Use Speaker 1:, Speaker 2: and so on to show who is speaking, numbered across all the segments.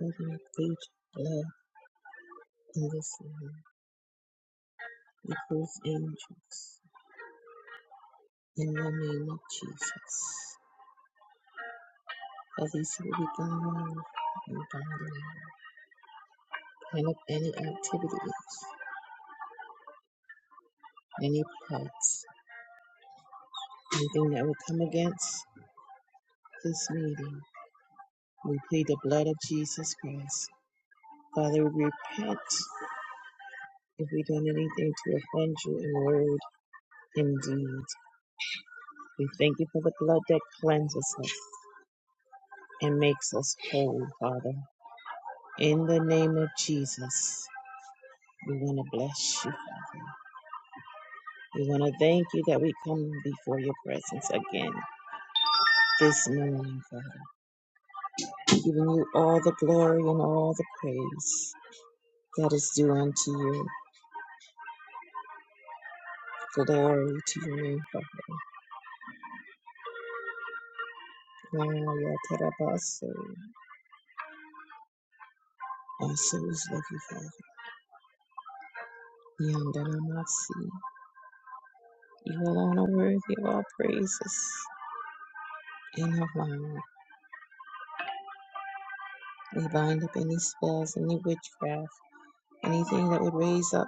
Speaker 1: Let your great love in this room be proof angels in the name of Jesus. As we see we down and down, clean up any activities, any plots, anything that will come against this meeting. We plead the blood of Jesus Christ. Father, we repent if we've done anything to offend you in word and deed. We thank you for the blood that cleanses us and makes us whole, Father. In the name of Jesus, we want to bless you, Father. We want to thank you that we come before your presence again this morning, Father, giving you all the glory and all the praise that is due unto you. Glory to your name, Father. Gloria te alabaste. Our souls love you, Father. Yandalamasi. You alone are worthy of all praises and of honor. We bind up any spells, any witchcraft, anything that would raise up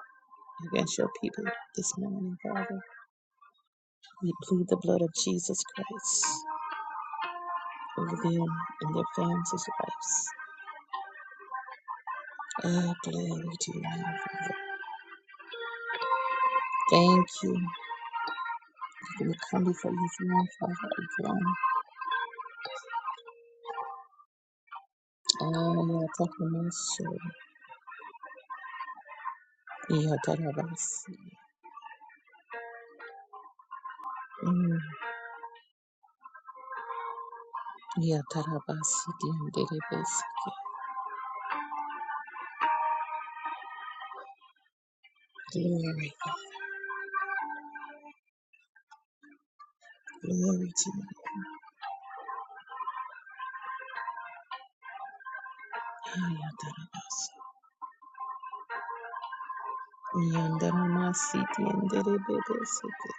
Speaker 1: against your people this morning, Father. We plead the blood of Jesus Christ over them and their families' lives. Ah, glory to your name, Father. Thank you. We come before you throne, Father, again. Ah, yeah, thank you, Lord, so. Yeah, tarabasi. Mm. Yeah, tarabasi, dien, derebesi. Glory, glory to you. Ah, yeah, tarabasi. Yandarama siti yandarebe besiti.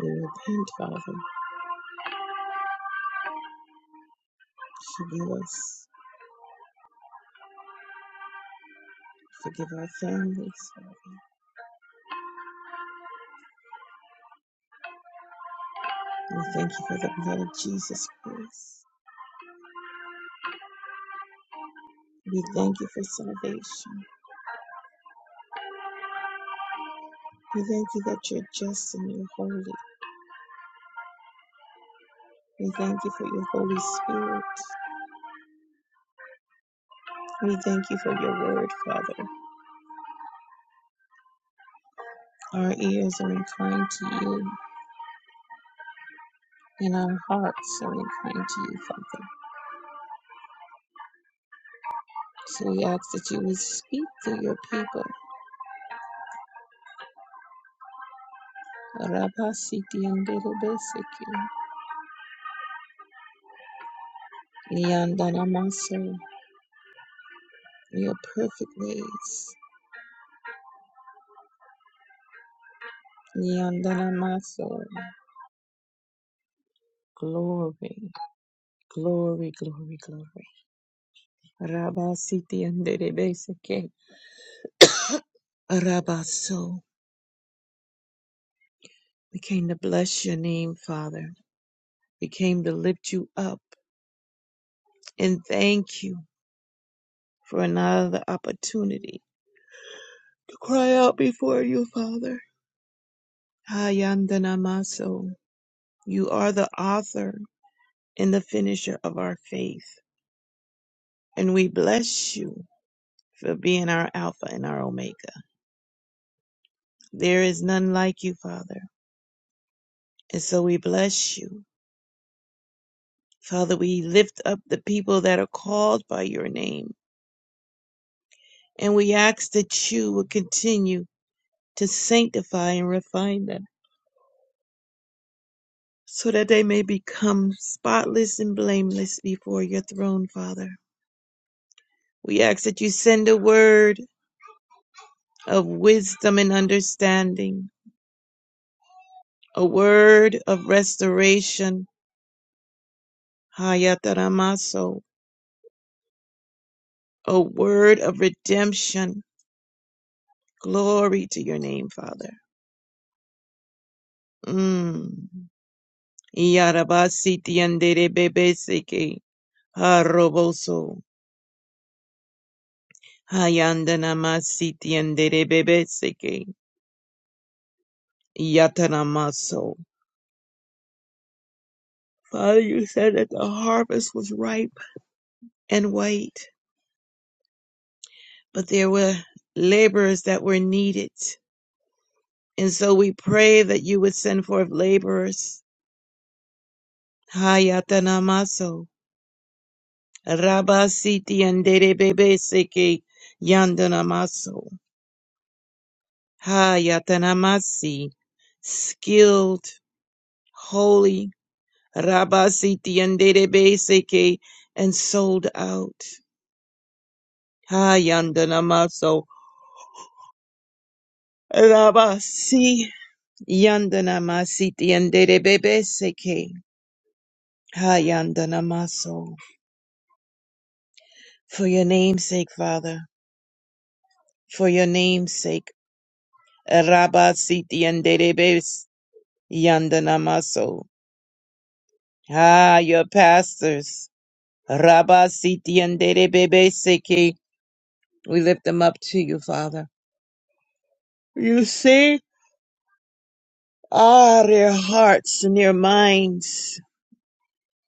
Speaker 1: We repent, Father. Forgive us. Forgive our families, Father. We thank you for the blood of Jesus Christ. We thank you for salvation. We thank you that you're just and you're holy. We thank you for your Holy Spirit. We thank you for your word, Father. Our ears are inclined to you and our hearts are inclined to you, Father. So we ask that you would speak to your people. Rabasiti and Delebeseki, Liandana Maso, your perfect ways. Yandanamaso. Glory, glory, glory, glory. Rabasiti anderebeseke. Rabaso. We came to bless your name, Father. We came to lift you up and thank you for another opportunity to cry out before you, Father. Hayandanamaso. You are the author and the finisher of our faith, and we bless you for being our Alpha and our Omega. There is none like you, Father. And so we bless you. Father, we lift up the people that are called by your name. And we ask that you will continue to sanctify and refine them so that they may become spotless and blameless before your throne, Father. We ask that you send a word of wisdom and understanding, a word of restoration, Hayataramaso, a word of redemption, Glory to your name, Father. Mm. Yarabasitianderebebeseke. Haroboso. Hayandanamasitianderebebeseke. Yatanamaso. Father, you said that the harvest was ripe and white, but there were laborers that were needed. And so we pray that you would send forth laborers. Hayatanamaso. Rabasitianderebebeseke. Yandanamaso. Hayatanamasi, skilled, holy, Rabasiti and Derebeseke, and sold out. Hayandanamaso, Rabasi, Yandanamasiti and Derebeseke, Hayandanamaso. For your name's sake, Father, for your name's sake, Rabasiti and Derebes, Yandanamaso. Ah, your pastors. Rabba Siti and Dede Bebe Siki. We lift them up to you, Father. You see, ah, their hearts and their minds.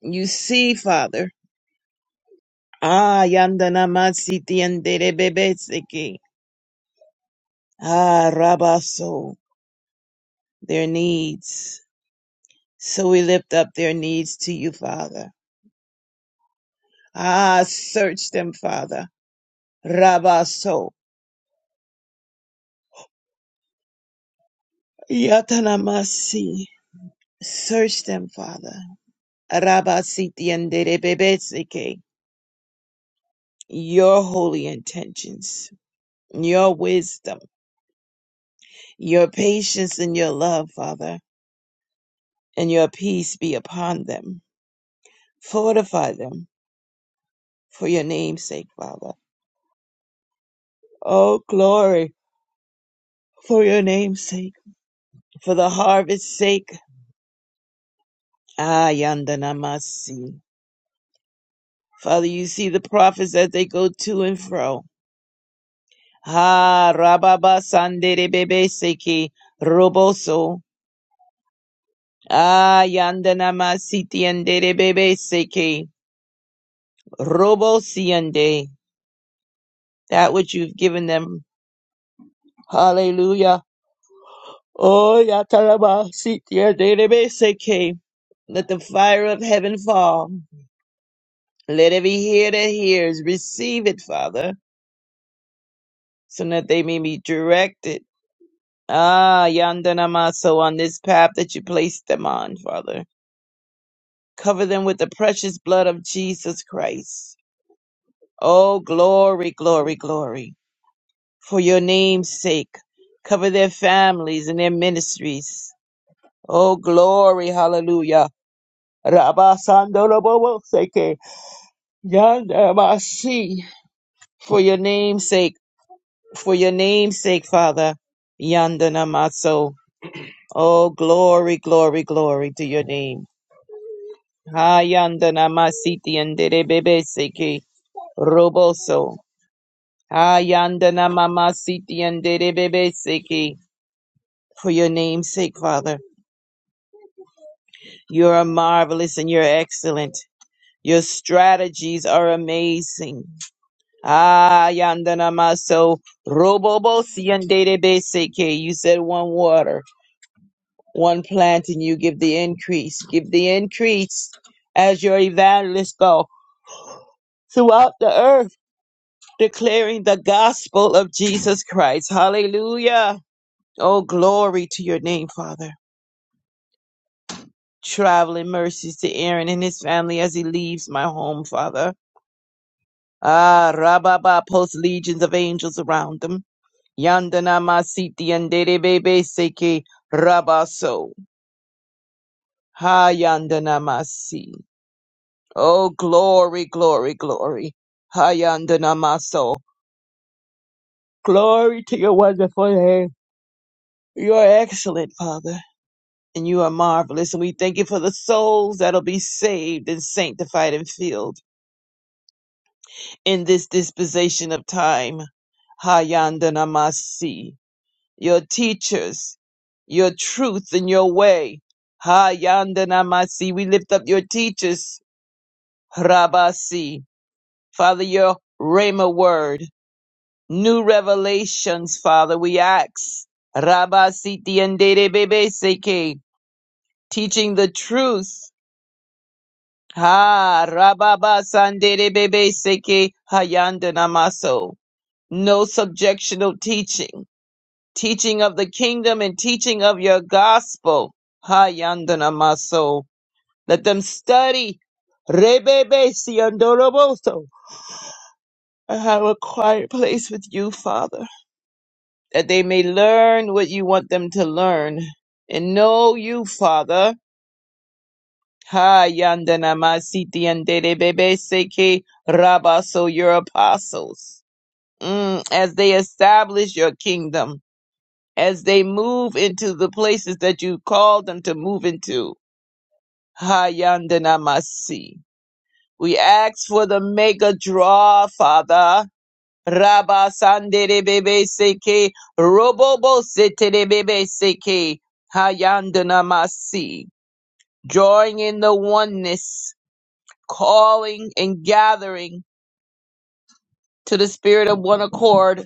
Speaker 1: You see, Father. Ah, Yandana Masiti and Dede Bebe Siki. Ah, Rabba So, their needs. So we lift up their needs to you, Father. Ah, search them, Father. Rabba So. Yatanamasi. Search them, Father. Rabasitianderebebeseke, your holy intentions, your wisdom, your patience, and your love, Father, and your peace be upon them. Fortify them for your name's sake, Father. Oh, glory for your name's sake, for the harvest's sake. Ah, yandanamasi. Father, you see the prophets as they go to and fro. Ah, rababa sandere bebe seki roboso. Ah, yandana masiti andere bebe seke robo siende. That which you've given them. Hallelujah. Oh, yatana masiti andere bebe seke. Let the fire of heaven fall. Let every ear that hears receive it, Father, so that they may be directed. Ah, yandana maso on this path that you placed them on, Father. Cover them with the precious blood of Jesus Christ. Oh, glory, glory, glory. for your name's sake. Cover their families and their ministries. Oh, glory, hallelujah. Rabba Sandorobo Seke, Yanda Masi, for your name's sake, for your name's sake, Father. Yanda Namaso. Oh, glory, glory, glory to your name. Ha Yanda Namasiti and Derebebe Seke, Roboso. Ha Yanda Namamasiti and Derebebe Seke, for your name's sake, Father. You are marvelous and you're excellent. Your strategies are amazing. Ah, yandana maso robobo seke. You said one water, one plant, and you give the increase. Give the increase as your evangelists go throughout the earth, declaring the gospel of Jesus Christ. Hallelujah. Oh, glory to your name, Father. Traveling mercies to Aaron and his family as he leaves my home, Father Ah, Rababa posts legions of angels around them. Yandana masiti yanderebebe seke rabaso. Ha yandana masi. Oh, glory, glory, glory. Ha yandana maso. Glory to your wonderful name. You are excellent, Father, and you are marvelous. And we thank you for the souls that'll be saved and sanctified and filled in this dispensation of time. Ha yandana masi. your teachers, your truth and your way. Ha Yandanamasi. We lift up your teachers, Rabasi. Father, your Rhema word, new revelations, Father, we ask. Rabasi Tiendere Bebe Seke, teaching the truth. Ha Rababa Sandere Bebe Seke Hayandanamaso. No subjectional teaching. teaching of the kingdom and teaching of your gospel. Ha yandana maso. Let them study. Rebebe siandoroboso. I have a quiet place with you, Father, that they may learn what you want them to learn and know you, Father. Ha yandana masiti anderebebe seke rabaso, your apostles. Mm, as they establish your kingdom. as they move into the places that you called them to move into. Hayandanamasi. We ask for the mega draw, Father. Rabba Sanderebebe Seke Robobo Seterebebe Seke Hayandanamasi. Drawing in the oneness, calling and gathering to the spirit of one accord.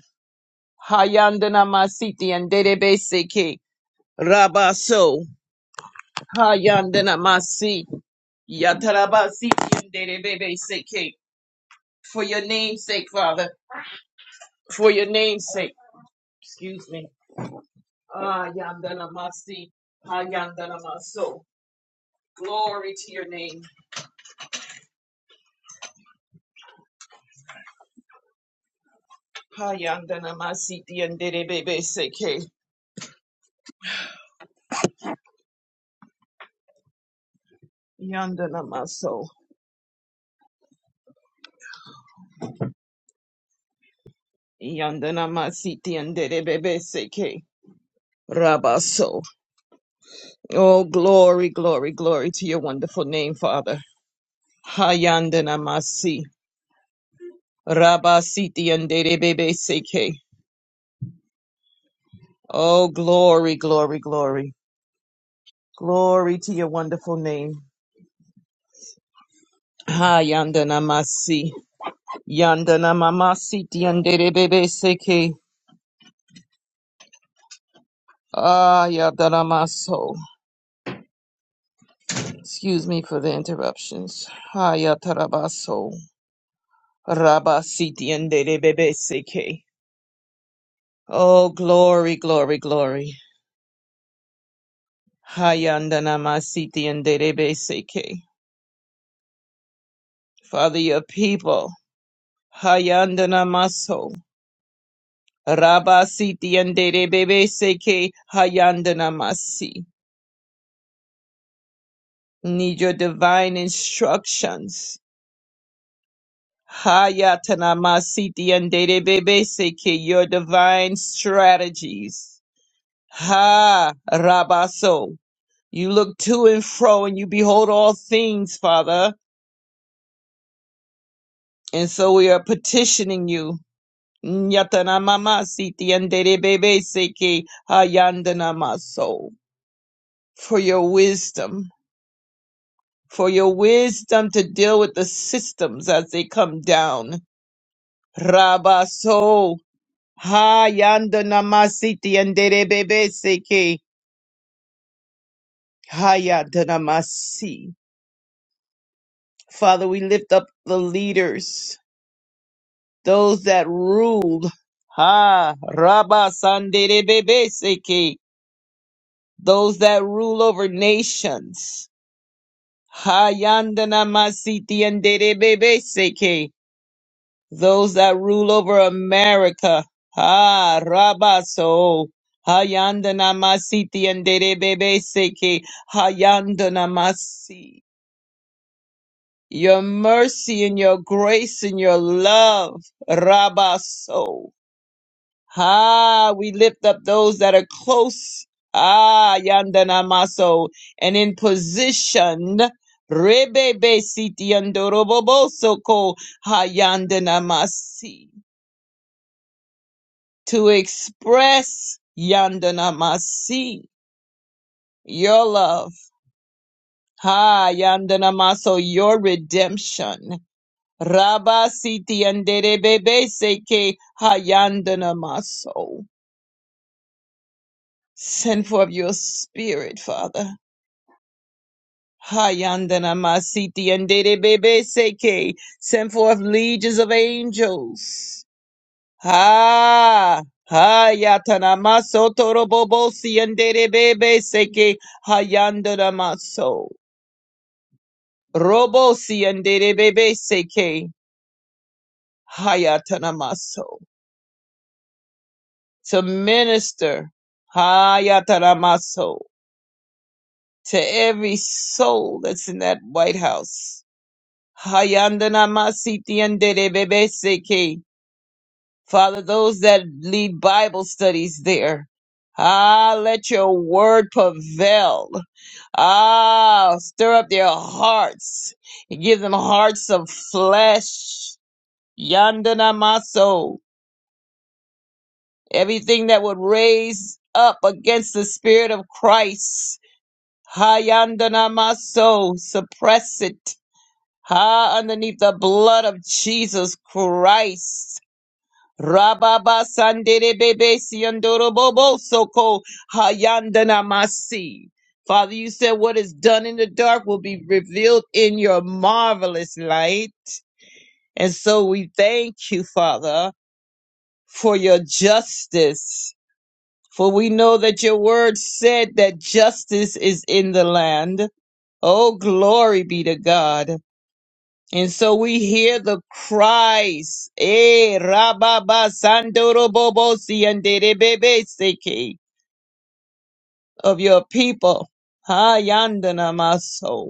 Speaker 1: Hayandanamasi and Derebe Seke Rabba so. Hayandana Masi. Yatarabasi Yandere Bebe Seke. For your name's sake, Father. For your name's sake. Excuse me. Ah, Yandana Masi. Hayandana Maso. Glory to your name. Hayandana Masi Yandere Bebe Seke. Yandana Maso. Yandana Masi Yandere Bebe Seke. Rabaso. Oh, glory, glory, glory to your wonderful name, Father. Hayandana Masi. Rabasiti and Bebe Seke. Oh, glory, glory, glory. Glory to your wonderful name. Ha Yandana Masi. Yandana Mamasi Tiandere Bebe Seke. Ah Yandana Maso. Excuse me for the interruptions. Ha Yatarabaso. Rabasi Tiandere Bebe Seke. Oh, glory, glory, glory. Ha Yandana Masi Tiandere Bebe Seke. Father, your people. Hayandana maso. Rabasiti andere bebe seke hayandana masi. Need your divine instructions. Hayatana masiti andere bebe seke your divine strategies. Ha rabaso. You look to and fro and you behold all things, Father. And so we are petitioning you. Nyatana mama siti andere bebe seke hayandana maso. for your wisdom, for your wisdom to deal with the systems as they come down. Rabaso, hayanda namasiti and derebebeseke, hayanda namasi. Father, we lift up the leaders, those that rule. Ha, rabasanderebebeseke, those that rule over nations. Hayanda namasiti and derebebeseke. those that rule over America. Ah, Rabaso. Hayandana Masiti and Derebebe Seke. Hayandana Masi. Your mercy and your grace and your love. Rabaso. Ah, we lift up those that are close. Ah, Yandana Maso. And in position. Rebebe Siti and Dorobobo Soko. Hayandana Masi. to express yandana masi, your love. Ha yandana maso, your redemption. Rabba Siti andere bebe Seke Ha yandana maso, Send forth your spirit, Father. Ha yandana Masiti andere bebe Seke. Send forth legions of angels. Ha ha! hayatanamaso torobobo siendere bebe seke hayandanamaso robo siendere bebe seke hayatanamaso to minister hayatanamaso to every soul that's in that White House hayandanamasi tiendere bebe seke Father, those that lead Bible studies there. Ah, let your word prevail. Ah, stir up their hearts and give them hearts of flesh. Yandana maso. Everything that would raise up against the spirit of Christ. Ha yandana maso. Suppress it. Ha underneath the blood of Jesus Christ. Rababa Sandere Bebe Siandoro Bobo Soko Hayandana Masi. Father, you said what is done in the dark will be revealed in your marvelous light. And so we thank you, Father, for your justice. For we know that your word said that justice is in the land. Oh, glory be to God. And so we hear the cries. Eh, rababa sandorobobosi bebe derebebeseke of your people. Ha yandana maso.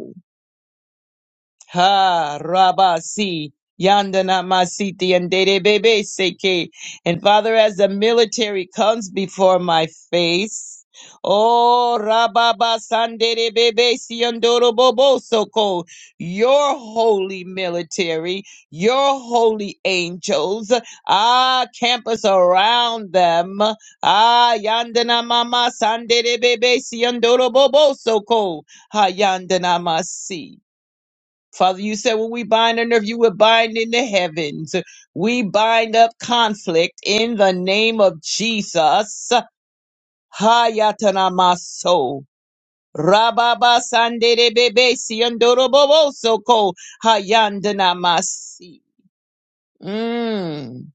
Speaker 1: Ha Rabasi Yandana Masiti and Dede Bebe Seke. And Father, as the military comes before my face, oh Rababa Sandere Bebe Siandoro Bobo Soko, your holy military, your holy angels, ah, campus around them. Ah Yandana Mama Sandere Bebe Siandoro Bobo Soko. Ha Yandana Masi. Father, you said when we bind on earth, you would bind in the heavens. We bind up conflict in the name of Jesus. Hayatanamaso. Rababa sandere bebe siandoroboso hayandanamasi. Mm.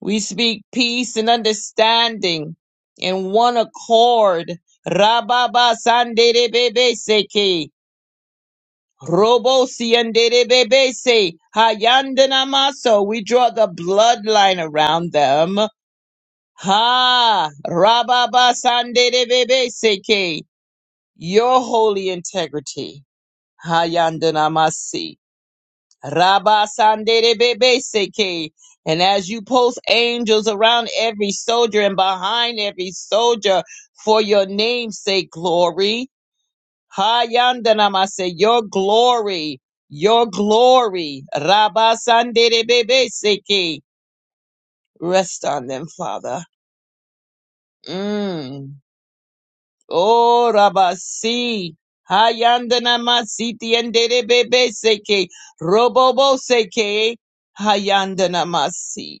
Speaker 1: We speak peace and understanding in one accord. Rababa sandere bebe seke. Robo siendebebese hayandana maso. We draw the bloodline around them. Ha rababa sandebebese ke your holy integrity hayandana masi. Rabba sandebebese ke. And as you post angels around every soldier and behind every soldier for your name's sake, glory. Hayandanamase, your glory, your glory. Rabasanderebebeseke. Rest on them, Father. Mm. Oh, Rabasi. Hayandanamasiti and Roboboseke. Hayandanamasi.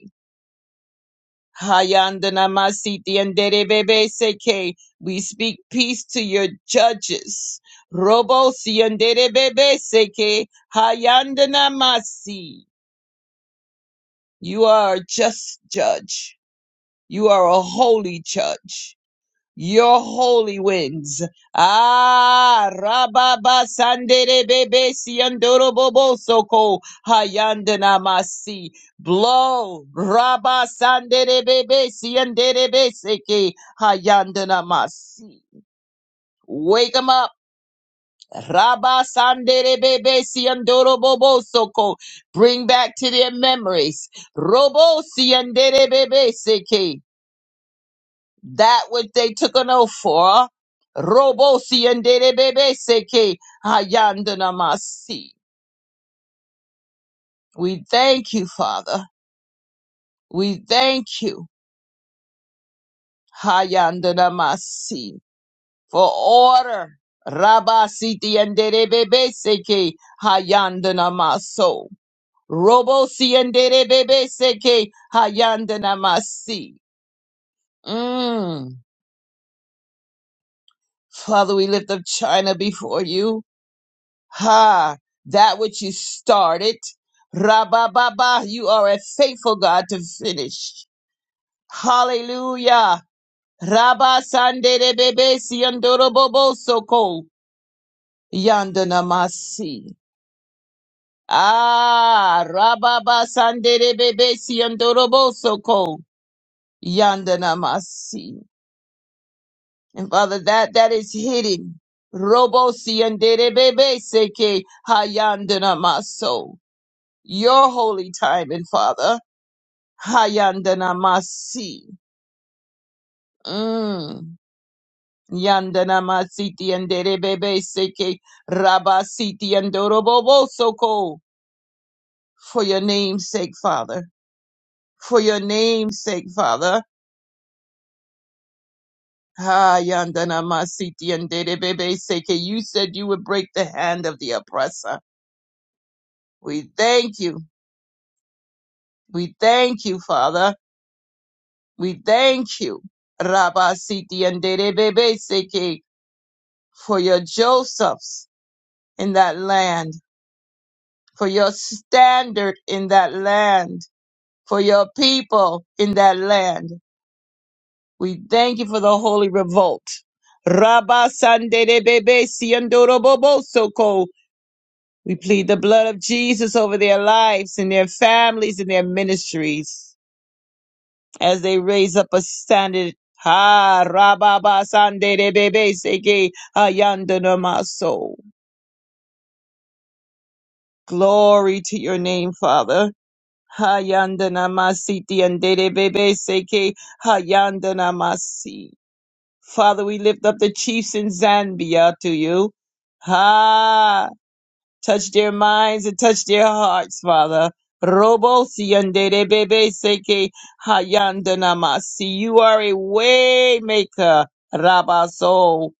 Speaker 1: Hayandanamasiti and Derebebe Seke. We speak peace to your judges. Robosi and Derebebe Seke. Hayandanamasi. You are a just judge. You are a holy judge your holy winds. Ah, rababa sandere bebe siandoro bobo soko hayandana masi. Blow, rabba sandere bebe siandere beseke hayandana masi. Wake them up, rabba sandere bebe siandoro bobo soko. Bring back to their memories, robo siandere bebe seke. that which they took an oath for. Robosi and Derebebe Seke Hayandanamasi. We thank you, Father. We thank you, Hayandanamasi, for order. Rabasiti and Derebebe Seke Hayandanamaso. Robosi and Derebebe Seke Hayandanamasi. Mm. Father, we lift up China before you. Ha! That which you started. Rabababa, you are a faithful God to finish. Hallelujah. Rabba sandere bebe siandorobobo soko yandanamasi. Ah, rababa sandere bebe siandorobo soko yandanamasi. And Father, that that is hidden. Robo siandere bebe seke hayandanamaso. your holy timing, Father. Hayandanamasi. Mm. Yandanamasiti and Derebebe Seke Rabasiti and Dorobobo Soko. For your name's sake, Father. For your name's sake, Father. Hayandanamasiti and Derebebe Seke. You said you would break the hand of the oppressor. We thank you. We thank you, Father. We thank you. Rabasiti and Derebebe Seke. for your Josephs in that land, for your standard in that land, for your people in that land. We thank you for the holy revolt. Rabba Sandere Bebe Siandoro Bobo Soko. We plead the blood of Jesus over their lives and their families and their ministries as they raise up a standard. Ha Rabba Sandere Bebe Seke Ayandana Maso. Glory to your name, Father. Hayandana masi tiandere bebe seke hayandana masi. Father, we lift up the chiefs in Zambia to you. Ha! Touch their minds and touch their hearts, Father. Robo siandere bebe seke hayandana masi. You are a way maker, Rabaso.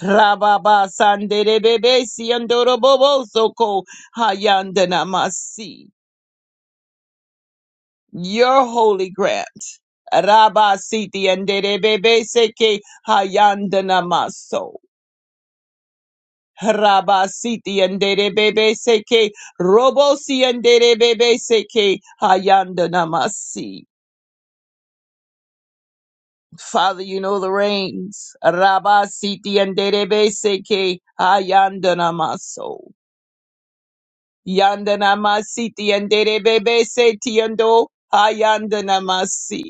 Speaker 1: Rababa sandere bebe siandoro bobo soko hayandana masi. your holy grant. Rabba siti and bebe seke hayandana maso. Rabba siti and bebe seke robosi and bebe seke hayandana masi. Father, you know the reins. Rabba siti and bebe seke hayandana maso. Yandana masiti and bebe seti ando hayandana masi.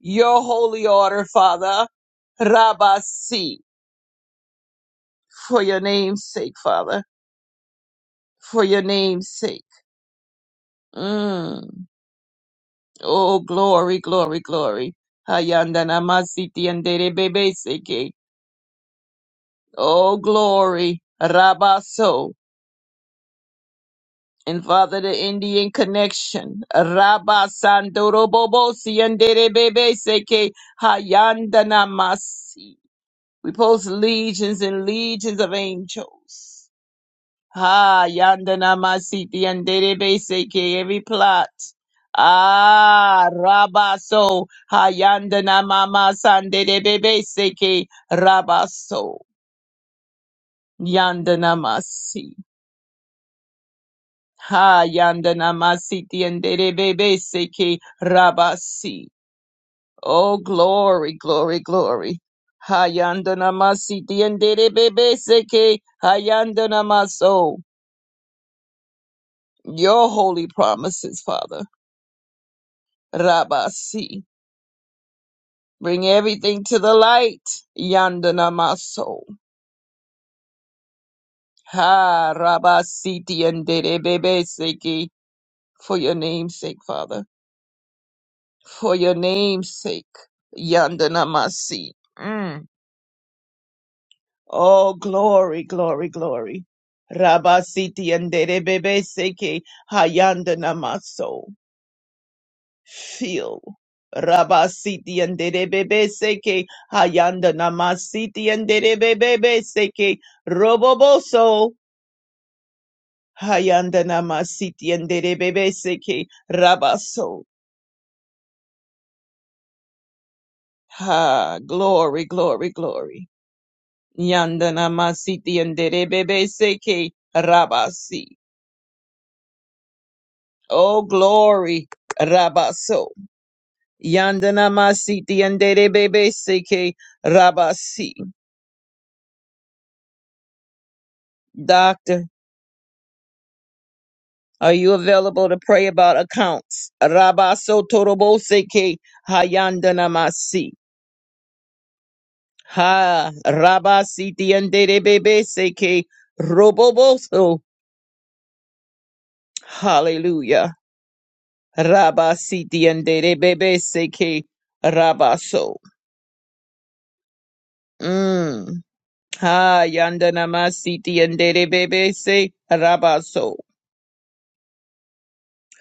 Speaker 1: your holy order, Father. Rabasi, for your name's sake, Father, for your name's sake. Mm. Oh, glory, glory, glory. Hayanda namasiti andere bebe seke. Oh, glory. Rabaso. And Father, the Indian connection. Rabasandoro bobosi andere bebe seke. Hayanda namasi. We post legions and legions of angels. Ha yandana masiti yandere seke every plot. Ah rabaso ha yandana mama sandere seke rabaso yandana masi. Ha yandana masiti yandere seke rabasi. Oh glory, glory, glory. Ha, Hayandana masiti yandere seke ha yandana maso. Your holy promises, Father. Rabasi. Bring everything to the light. Yandana maso. Ha Rabasiti and Seki. For your name's sake, Father. For your name's sake. Yandana masi. Mm. Oh glory, glory, glory. Rabasiti and Seki. Hayandana maso. Feel. Rabasiti and Derebebe Seke Hayanda Namasiti and Derebebe Seke Roboboso Hayanda Namasiti and Derebebe Seke Rabaso. Ha glory, glory, glory. Yanda Namasiti and Derebebe Seke Rabasi. Oh glory, Rabaso. Yanda Namasiti and Derebebe Seke Rabasi. doctor. Are you available to pray about accounts? Rabaso toroboseke hayandanamasi. Ha rabasi diandebebe seke roboboso. Hallelujah. Rabasi diandebebe seke rabaso. Mm. Ha yandanamasi diandebebe se rabaso.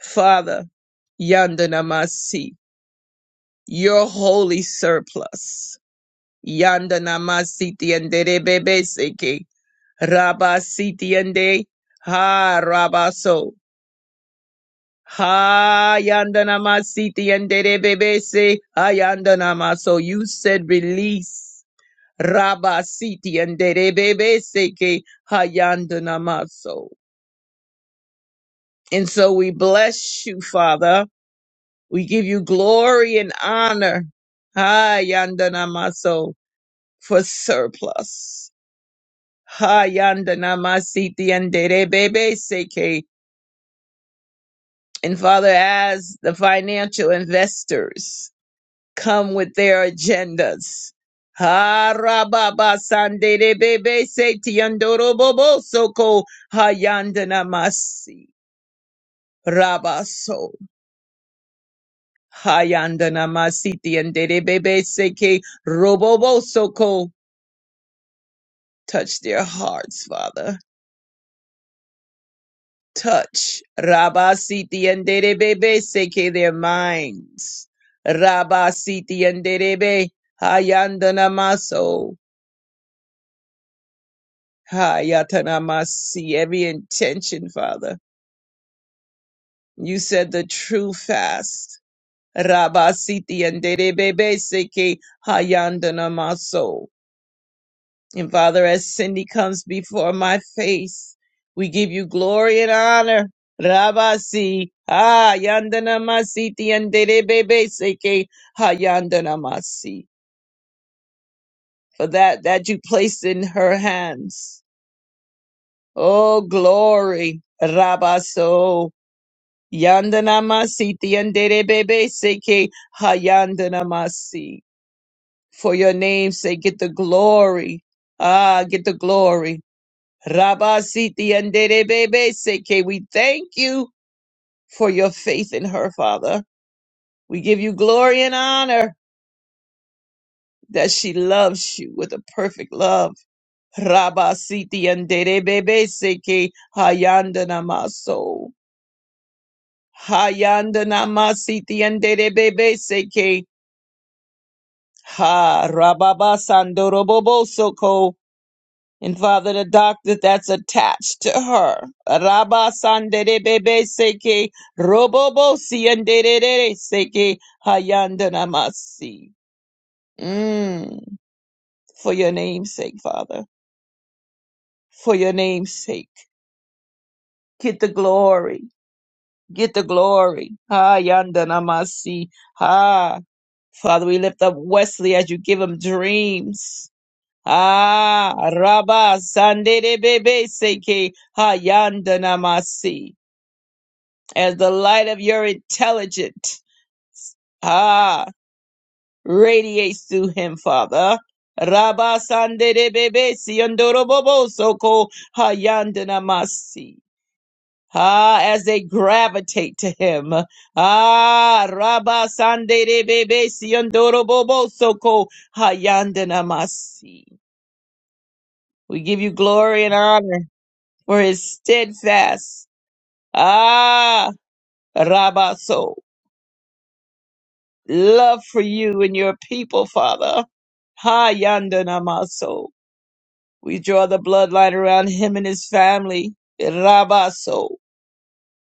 Speaker 1: Father, yandanamasi, your holy surplus. Yandanama siti and bebe seke. Rabba siti ende. Ha rabaso. Ha yandanama siti and bebe se. Ha yandanama. So you said release. Rabba siti and bebe seke. Ha yandanama so. And so we bless you, Father. We give you glory and honor. Ha yandanama so. For surplus. Hayanda namasiti and Derebebe seke. And Father, as the financial investors come with their agendas, ha Harababa Sanderebebe seti andorobobo soko ha yanda namasi rabaso. Hayanda namasiti and Derebebe seke robobo soko. Touch their hearts, Father. touch Rabasiti and Derebebe seke their minds. Rabasiti and Derebe Hayandanamaso Hayatanamasi every intention, Father. You said the true fast. Rabasiti and Derebebe seke Hayandanamaso. And Father, as Cindy comes before my face, we give you glory and honor. Rabasi, ah, yandana masiti, yandere bebe seke, ha yandana masi. For that, that you placed in her hands. Oh, glory. Rabaso, yandana masiti, yandere bebe seke, ha yandana masi. For your name's sake, get the glory. Ah, get the glory. Rabasiti and Derebebe Seke. We thank you for your faith in her, Father. We give you glory and honor that she loves you with a perfect love. Rabasiti and Derebebe Seke hayanda namaso, hayanda namasiti and Derebebe Seke. Ha Rababa Sandorobobo And Father, the doctor that's attached to her. Rabba Sanderebebe Seke Robobo Siandere Seke Hayandanamasi. Mm. For your name's sake, Father. For your name's sake. Get the glory. Get the glory. Hayandanamasi. Ha. Father, we lift up Wesley as you give him dreams. Ah, Rabba Sanderebebe Seke Hayandanamasi. as the light of your intelligent ah radiates through him, Father. Rabba Sanderebebe Siondorobobo Soko Hayandanamasi. Ah, as they gravitate to him. Ah, Rabba Sanderebebe Siondorobobo Soko Hayandanamasi. We give you glory and honor for his steadfast. Ah, Rabba so. love for you and your people, Father. Ha yanda namaso. We draw the bloodline around him and his family. Rabaso.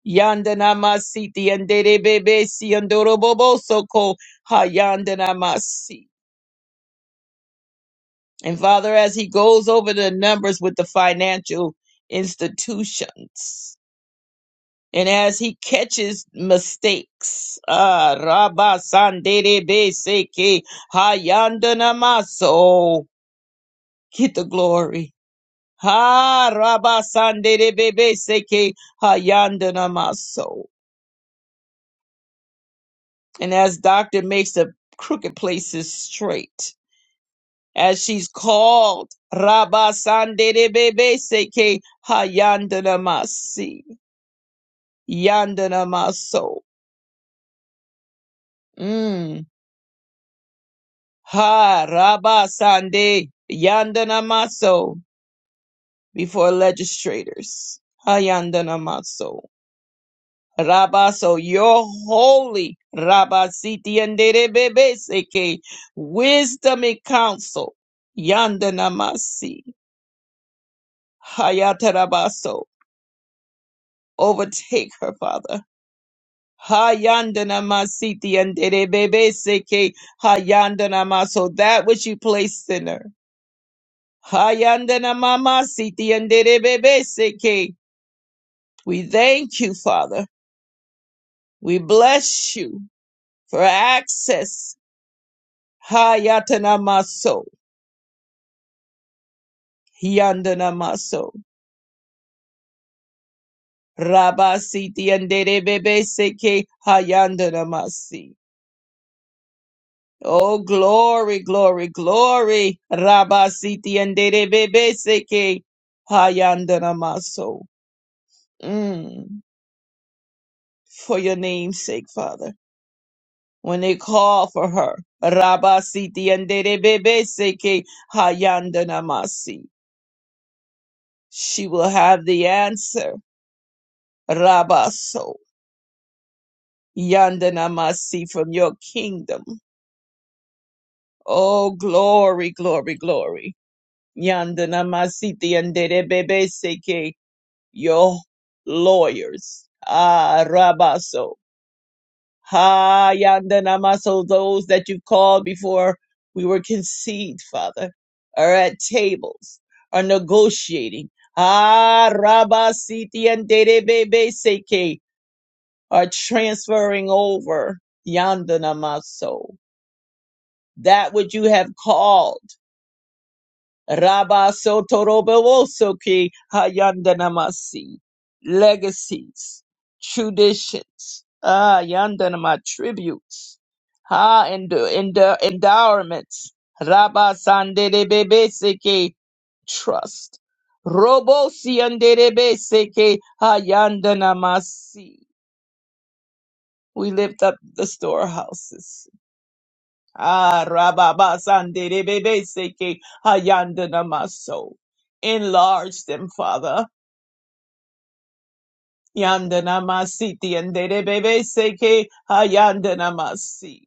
Speaker 1: Yanda namasiti and bebe si andoro boboso ko ha yanda namasi. And Father, as he goes over the numbers with the financial institutions, and as he catches mistakes, ah, rabasandere be seke, ha yanda namaso. get the glory. Ha Rabba Sande de Bebe Seke Hayandana Maso. And as Doctor makes the crooked places straight, as she's called Rabba Sande de Bebe Seke Hayandana Masi Yandana Maso. Mm. Ha Rabba Sande Yandana Maso before legislators. Hayandana Maso. Rabba, so you're holy. Rabba, siti anderebebe seke. Wisdom and counsel. Yanda namasi. Hayata rabaso. Overtake her, Father. Hayanda namasiti anderebebe seke. Hayanda namaso. That which you placed in her. Hayanda namamasiti anderebebe seke. We thank you, Father. We bless you for access Hayatana maso. Hyandana maso. Rabasi tiandere bebe seke hayandana masi. Oh, glory, glory, glory. Rabasi tiandere bebe seke hayandana maso. Mm. For your name's sake, Father. When they call for her, Rabasi tiandere bebe seke hayandana masi. She will have the answer. Rabaso. Yandanamasi from your kingdom. Oh, glory, glory, glory. Yandanamasi seke your lawyers. Ah, Rabaso. Ha, Yandanamaso, those that you called before we were conceived, Father, are at tables, are negotiating. Ah, Rabasiti and seke are transferring over. Yandanamaso. that which you have called. Rabba Sotorobowosoki Hayandanamasi. Legacies, traditions, ah, Yandanama tributes, ha, and endu- endowments. Rabba Sandebebeseke trust. Robosi Andebeseke Hayandanamasi. We lift up the storehouses Ah, Rababa Sandere Bebe Seke Hayandana Maso. Enlarge them, Father. Yandana Masiti and derebebe Seke Hayandana Masi.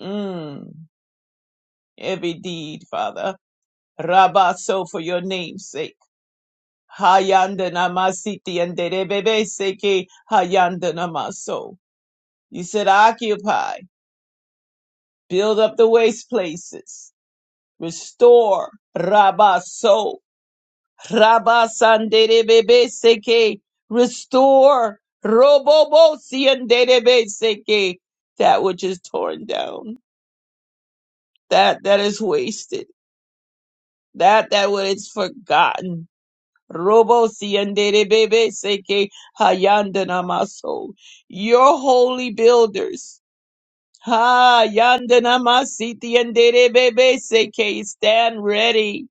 Speaker 1: Mm, Every deed, Father. Rabaso for your name's sake. Hayandana Masiti and derebebe Seke Hayandana Maso. You said occupy, build up the waste places, restore Rabaso Rabasanderebebeseke. Restore Robobosianderebeseke. that which is torn down, that that is wasted, that that what is forgotten. Robosianderebebeseke hayandanamaso. Your holy builders. Ha yandanamasiti and seke stand ready.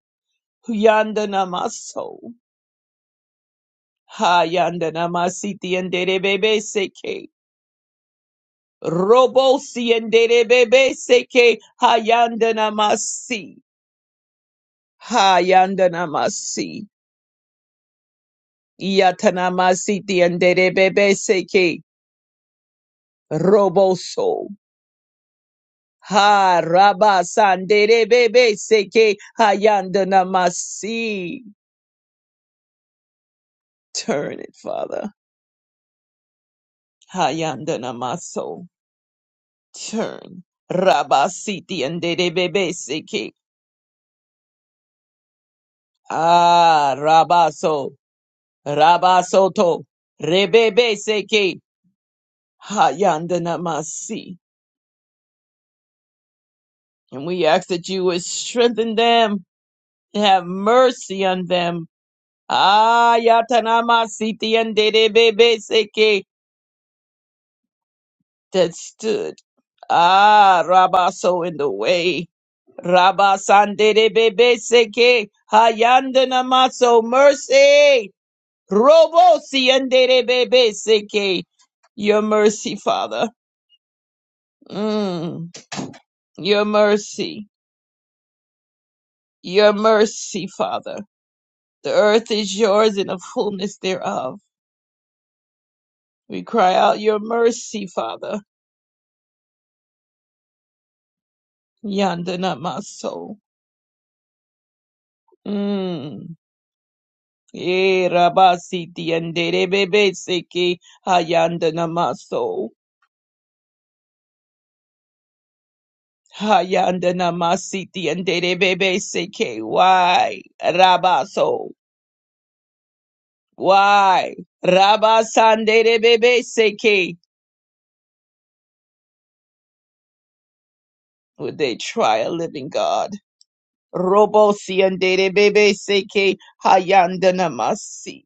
Speaker 1: Yandanamaso. Hayandanamasiti and bebe Seke. Robosi and bebe Seke. Hayandana masi, Hayandana masi. Hayandanamasi. Yatanamasiti and bebe Seke. Roboso. Ha Rabasan bebe Seke. Hayandana masi. Turn it, Father. Hayandana maso. Turn. Rabasiti and bebe Seke. Ah, Rabaso, Rabasoto, Rebebe Seke, Hayandanamasi. And we ask that you would strengthen them and have mercy on them. Ah, Yatanamasi and Debebe Seke that stood. Ah, Rabaso in the way. Rabasandebebe Seke, Hayandanamaso, mercy. Robo siendere bebe seke. Your mercy, Father. Mm. Your mercy. Your mercy, Father. The earth is yours and the fullness thereof. We cry out your mercy, Father. Yandana maso. Mm. Eh, rabasi tiandere bebe seke. Hayandana maso. Hayandana masiti andere bebe seke. Why? Rabaso. Why? Rabba Sandere Bebe Seke. Would they try a living God? Robo Siandere Bebe Seke Hayandanamasi.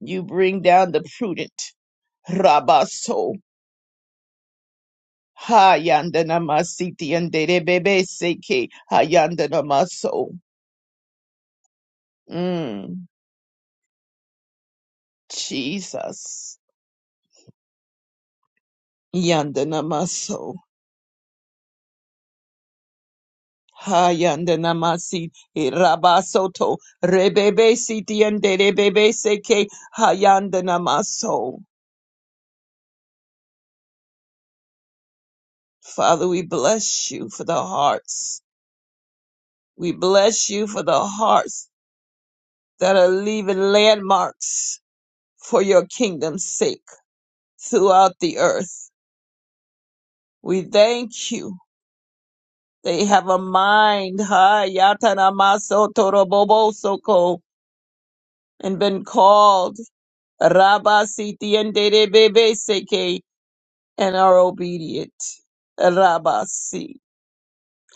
Speaker 1: You bring down the prudent. Rabba So. Hayandanamasi Tiandere Bebe Seke Hayandanamaso. Mm, Jesus. Yandanamaso. Hayandanamasi Rabasoto Rebebe Siti and Rebebe Seke Hayandanamaso. Father, we bless you for the hearts. We bless you for the hearts that are leaving landmarks for your kingdom's sake throughout the earth. We thank you. They have a mind, Hayatanamaso Torobobosoko, and been called Rabasiti and Rebebe Seke and are obedient. Rabasi.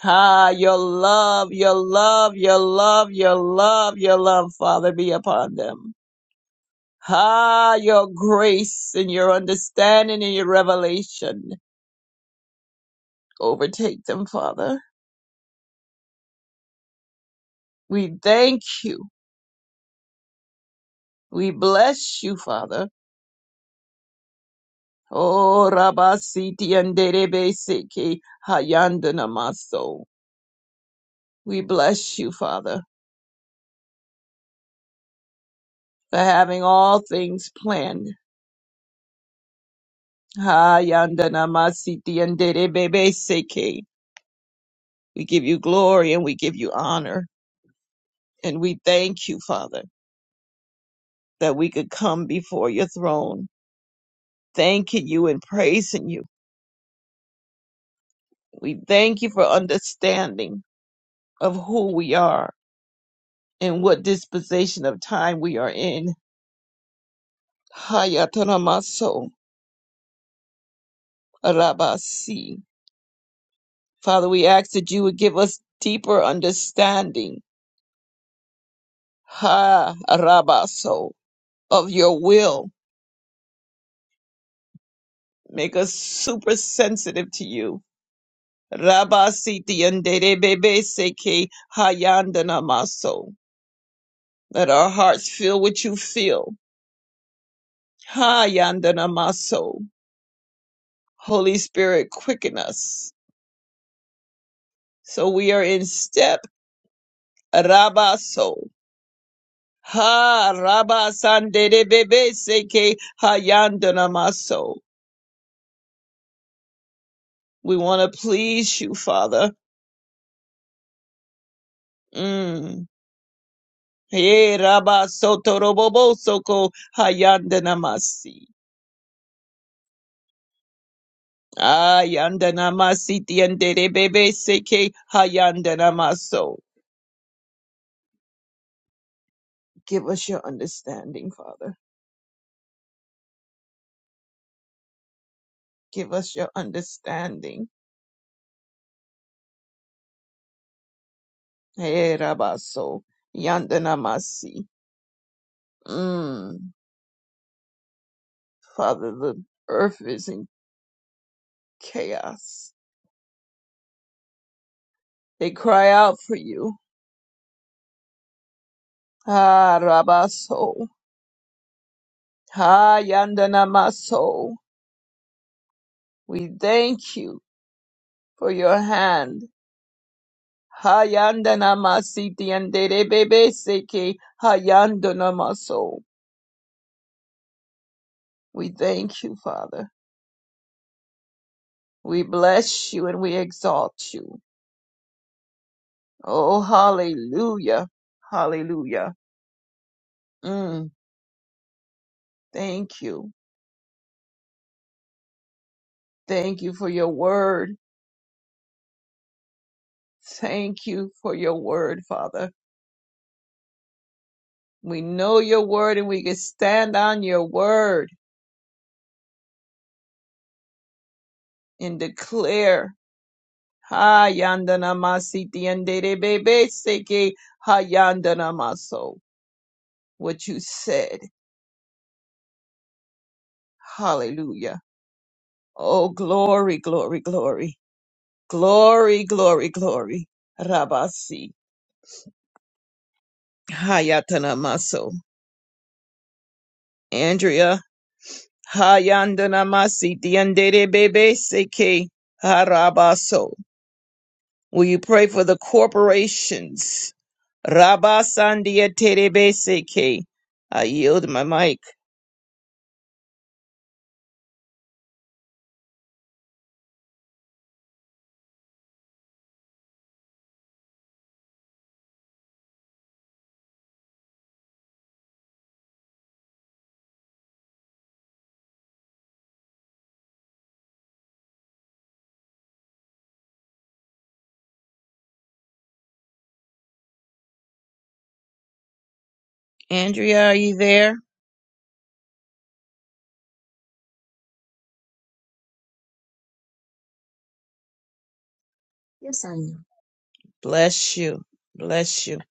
Speaker 1: Ah, your love, your love, your love, your love, your love, Father, be upon them. Ah, your grace and your understanding and your revelation overtake them, Father. We thank you. We bless you, Father. Oh, Rabasiti and Derebesiki Hayandanamaso. We bless you, Father, for having all things planned Hayanda namasiti andere bebe seke. We give you glory and we give you honor. And we thank you, Father, that we could come before your throne, thanking you and praising you. We thank you for understanding of who we are and what disposition of time we are in. Hayata namaso rabasi. Father, we ask that you would give us deeper understanding. Ha rabaso of your will Make us super sensitive to you. Rabba siti yandere bebe seke hayandana maso. Let our hearts feel what you feel. Hayandana maso. Holy Spirit, quicken us. So we are in step. Rabba so. Ha rabba sandere bebe seke hayandana maso. We want to please you, Father. Mm. Hey, Rabba Soto Robobo Soko Hayandanamasi. Ayandanamasi Tiandere Bebe Seke Hayandanamaso. Give us your understanding, Father. Give us your understanding. Hey, Rabba So Yandanamasi. Mm. Father, the earth is in chaos. They cry out for you. Ah, Rabba So. Hayandanamaso. We thank you for your hand Hayanda namasiti and derebebe seke hayanda namaso. We thank you, Father. We bless you and we exalt you. Oh, hallelujah. Hallelujah. Mm, thank you. Thank you for your word. Thank you for your word, Father. We know your word and we can stand on your word and declare. Hayanda namasiti and derebebe seke hayanda namaso. what you said. Hallelujah. Oh, glory, glory, glory. Glory, glory, glory. Rabasi. Hayatanamaso. Andrea. Hayandanamasi. Diandere bebe seke. Harabaso. Will you pray for the corporations? Rabasandia terebe seke. I yield my mic. Andrea, are you there?
Speaker 2: Yes, I am.
Speaker 1: Bless you. Bless you.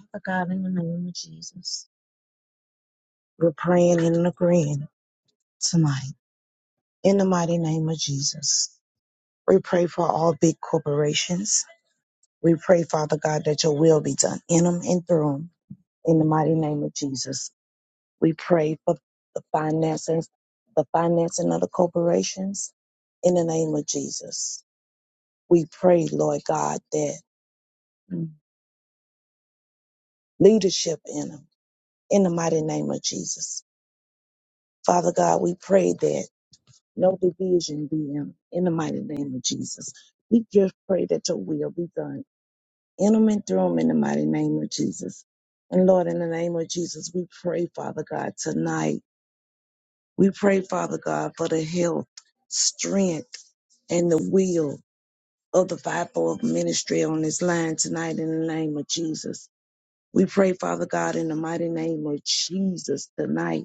Speaker 2: Father God, in the name of Jesus, we're praying and agreeing tonight. In the mighty name of Jesus, we pray for all big corporations. We pray, Father God, that your will be done in them and through them. In the mighty name of Jesus, we pray for the finances, the financing of the corporations. In the name of Jesus, we pray, Lord God, that leadership in them. In the mighty name of Jesus, Father God, we pray that. no division be in, in the mighty name of Jesus. We just pray that your will be done in them and through them in the mighty name of Jesus. And Lord, in the name of Jesus, we pray, Father God, tonight. We pray, Father God, for the health, strength, and the will of the fivefold ministry on this line tonight in the name of Jesus. We pray, Father God, in the mighty name of Jesus tonight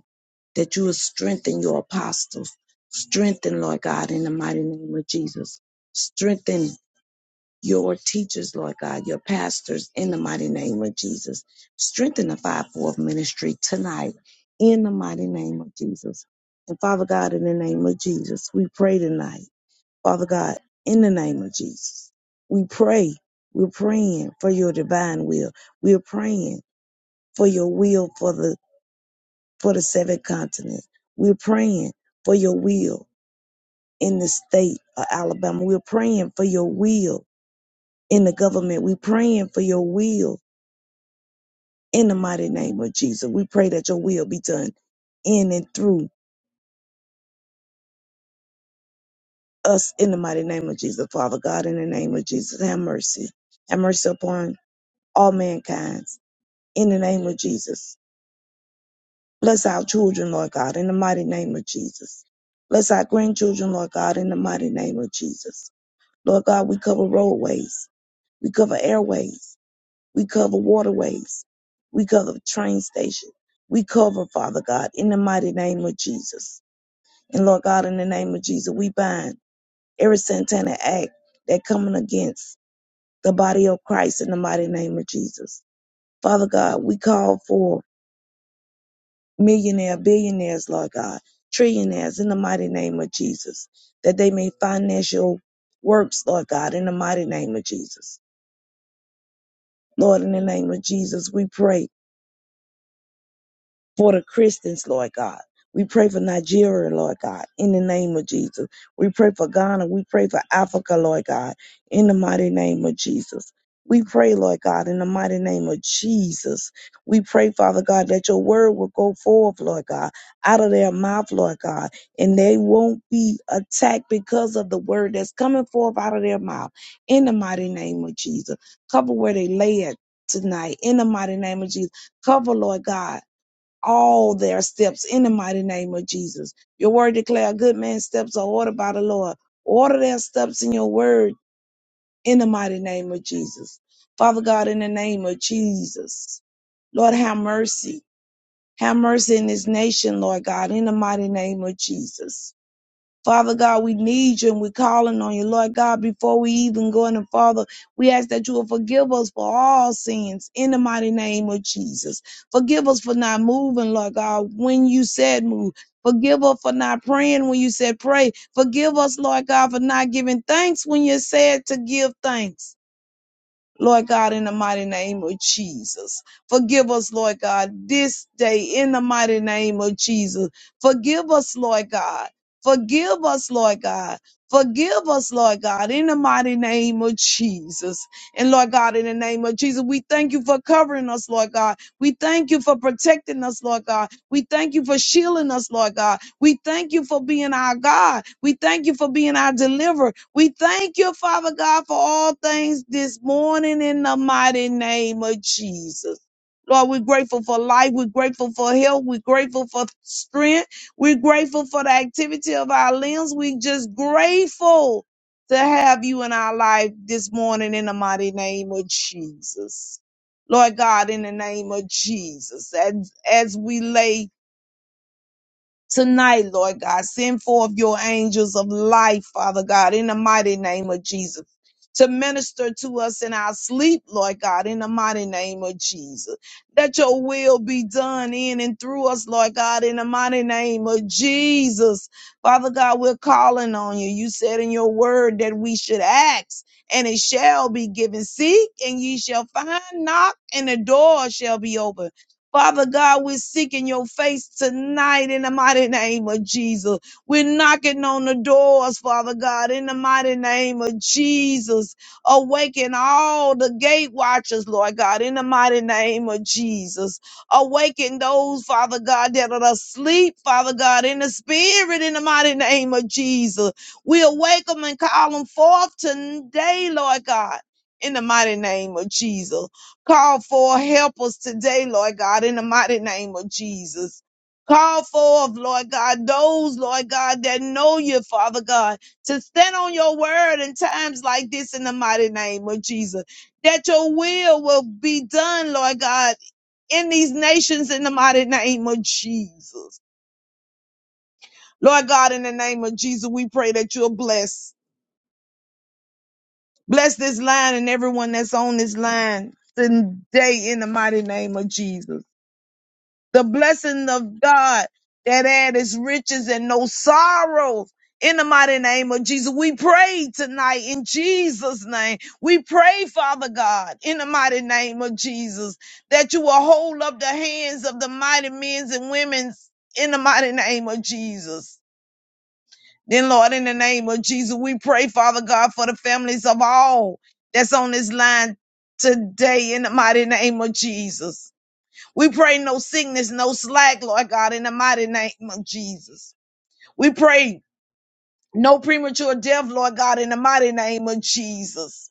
Speaker 2: that you will strengthen your apostles. Strengthen, Lord God, in the mighty name of Jesus. Strengthen your teachers, Lord God, your pastors, in the mighty name of Jesus. Strengthen the fivefold ministry tonight, in the mighty name of Jesus. And Father God, in the name of Jesus, we pray tonight. Father God, in the name of Jesus, we pray. We're praying for your divine will. We're praying for your will for the for the seven continent. We're praying for your will in the state of Alabama. We're praying for your will in the government. We're praying for your will in the mighty name of Jesus. We pray that your will be done in and through us in the mighty name of Jesus. Father God, in the name of Jesus, have mercy. Have mercy upon all mankind in the name of Jesus. Bless our children, Lord God, in the mighty name of Jesus. Bless our grandchildren, Lord God, in the mighty name of Jesus. Lord God, we cover roadways. We cover airways. We cover waterways. We cover train stations. We cover, Father God, in the mighty name of Jesus. And Lord God, in the name of Jesus, we bind every satanic act that coming against the body of Christ in the mighty name of Jesus. Father God, we call for millionaire, billionaires, Lord God, trillionaires in the mighty name of Jesus, that they may financial works, Lord God, in the mighty name of Jesus. Lord, in the name of Jesus, we pray for the Christians, Lord God. We pray for Nigeria, Lord God, in the name of Jesus. We pray for Ghana. We pray for Africa, Lord God, in the mighty name of Jesus. We pray, Lord God, in the mighty name of Jesus. We pray, Father God, that your word will go forth, Lord God, out of their mouth, Lord God, and they won't be attacked because of the word that's coming forth out of their mouth, in the mighty name of Jesus. Cover where they lay at tonight, in the mighty name of Jesus. Cover, Lord God all their steps in the mighty name of Jesus. Your word declare good man's steps are ordered by the Lord. Order their steps in your word in the mighty name of Jesus. Father God, in the name of Jesus, Lord, have mercy. Have mercy in this nation, Lord God, in the mighty name of Jesus. Father God, we need you and we're calling on you. Lord God, before we even go in, the Father, we ask that you will forgive us for all sins in the mighty name of Jesus. Forgive us for not moving, Lord God, when you said move. Forgive us for not praying when you said pray. Forgive us, Lord God, for not giving thanks when you said to give thanks. Lord God, in the mighty name of Jesus. Forgive us, Lord God, this day in the mighty name of Jesus. Forgive us, Lord God. Forgive us, Lord God. Forgive us, Lord God, in the mighty name of Jesus. And Lord God, in the name of Jesus, we thank you for covering us, Lord God. We thank you for protecting us, Lord God. We thank you for shielding us, Lord God. We thank you for being our God. We thank you for being our deliverer. We thank you, Father God, for all things this morning in the mighty name of Jesus. Lord, we're grateful for life. We're grateful for health. We're grateful for strength. We're grateful for the activity of our limbs. We're just grateful to have you in our life this morning in the mighty name of Jesus. Lord God, in the name of Jesus, as, as we lay tonight, Lord God. Send forth your angels of life, Father God, in the mighty name of Jesus. To minister to us in our sleep, Lord God, in the mighty name of Jesus. That your will be done in and through us, Lord God, in the mighty name of Jesus. Father God, we're calling on you. You said in your word that we should ask and it shall be given. Seek and ye shall find. Knock and the door shall be open. Father God, we're seeking your face tonight in the mighty name of Jesus. We're knocking on the doors, Father God, in the mighty name of Jesus. Awaken all the gate watchers, Lord God, in the mighty name of Jesus. Awaken those, Father God, that are asleep, Father God, in the spirit, in the mighty name of Jesus. We awake them and call them forth today, Lord God, in the mighty name of Jesus. Call for helpers today, Lord God, in the mighty name of Jesus. Call forth, Lord God, those, Lord God, that know you, Father God, to stand on your word in times like this in the mighty name of Jesus. That your will will be done, Lord God, in these nations in the mighty name of Jesus. Lord God, in the name of Jesus, we pray that you'll bless. Bless this line and everyone that's on this line today in the mighty name of Jesus. the blessing of God that add his riches and no sorrow. In the mighty name of Jesus, we pray tonight in Jesus' name. We pray, Father God, in the mighty name of Jesus, that you will hold up the hands of the mighty men and women in the mighty name of Jesus. Then, Lord, in the name of Jesus, we pray, Father God, for the families of all that's on this line today in the mighty name of Jesus. We pray no sickness, no slack, Lord God, in the mighty name of Jesus. We pray no premature death, Lord God, in the mighty name of Jesus.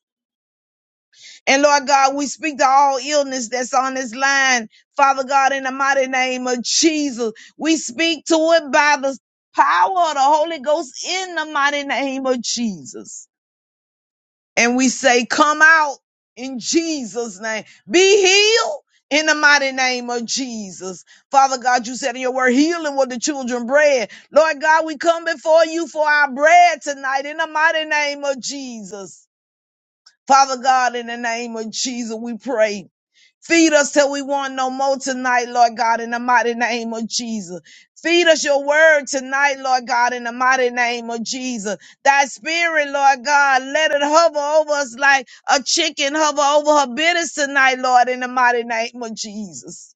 Speaker 2: And Lord God, we speak to all illness that's on this line, Father God, in the mighty name of Jesus. We speak to it by the power of the Holy Ghost in the mighty name of Jesus. and we say, Come out in Jesus' name. Be healed in the mighty name of Jesus. Father God, you said in your word, healing with the children bread. Lord God, we come before you for our bread tonight in the mighty name of Jesus. Father God, in the name of Jesus, we pray. Feed us till we want no more tonight, Lord God, in the mighty name of Jesus. Feed us your word tonight, Lord God, in the mighty name of Jesus. Thy spirit, Lord God, let it hover over us like a chicken hover over her business tonight, Lord, in the mighty name of Jesus.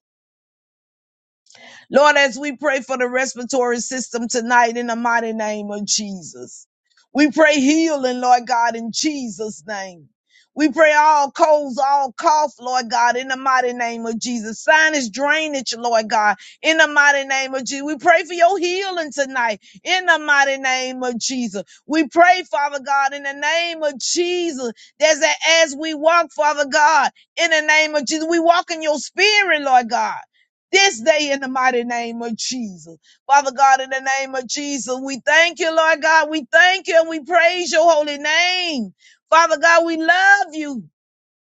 Speaker 2: Lord, as we pray for the respiratory system tonight in the mighty name of Jesus, we pray healing, Lord God, in Jesus' name. We pray all colds, all cough, Lord God, in the mighty name of Jesus. Sinus drainage, Lord God, in the mighty name of Jesus. We pray for your healing tonight, in the mighty name of Jesus. We pray, Father God, in the name of Jesus, that as we walk, Father God, in the name of Jesus, we walk in your spirit, Lord God this day in the mighty name of Jesus. Father God, in the name of Jesus, we thank you, Lord God. We thank you and we praise your holy name. Father God, we love you.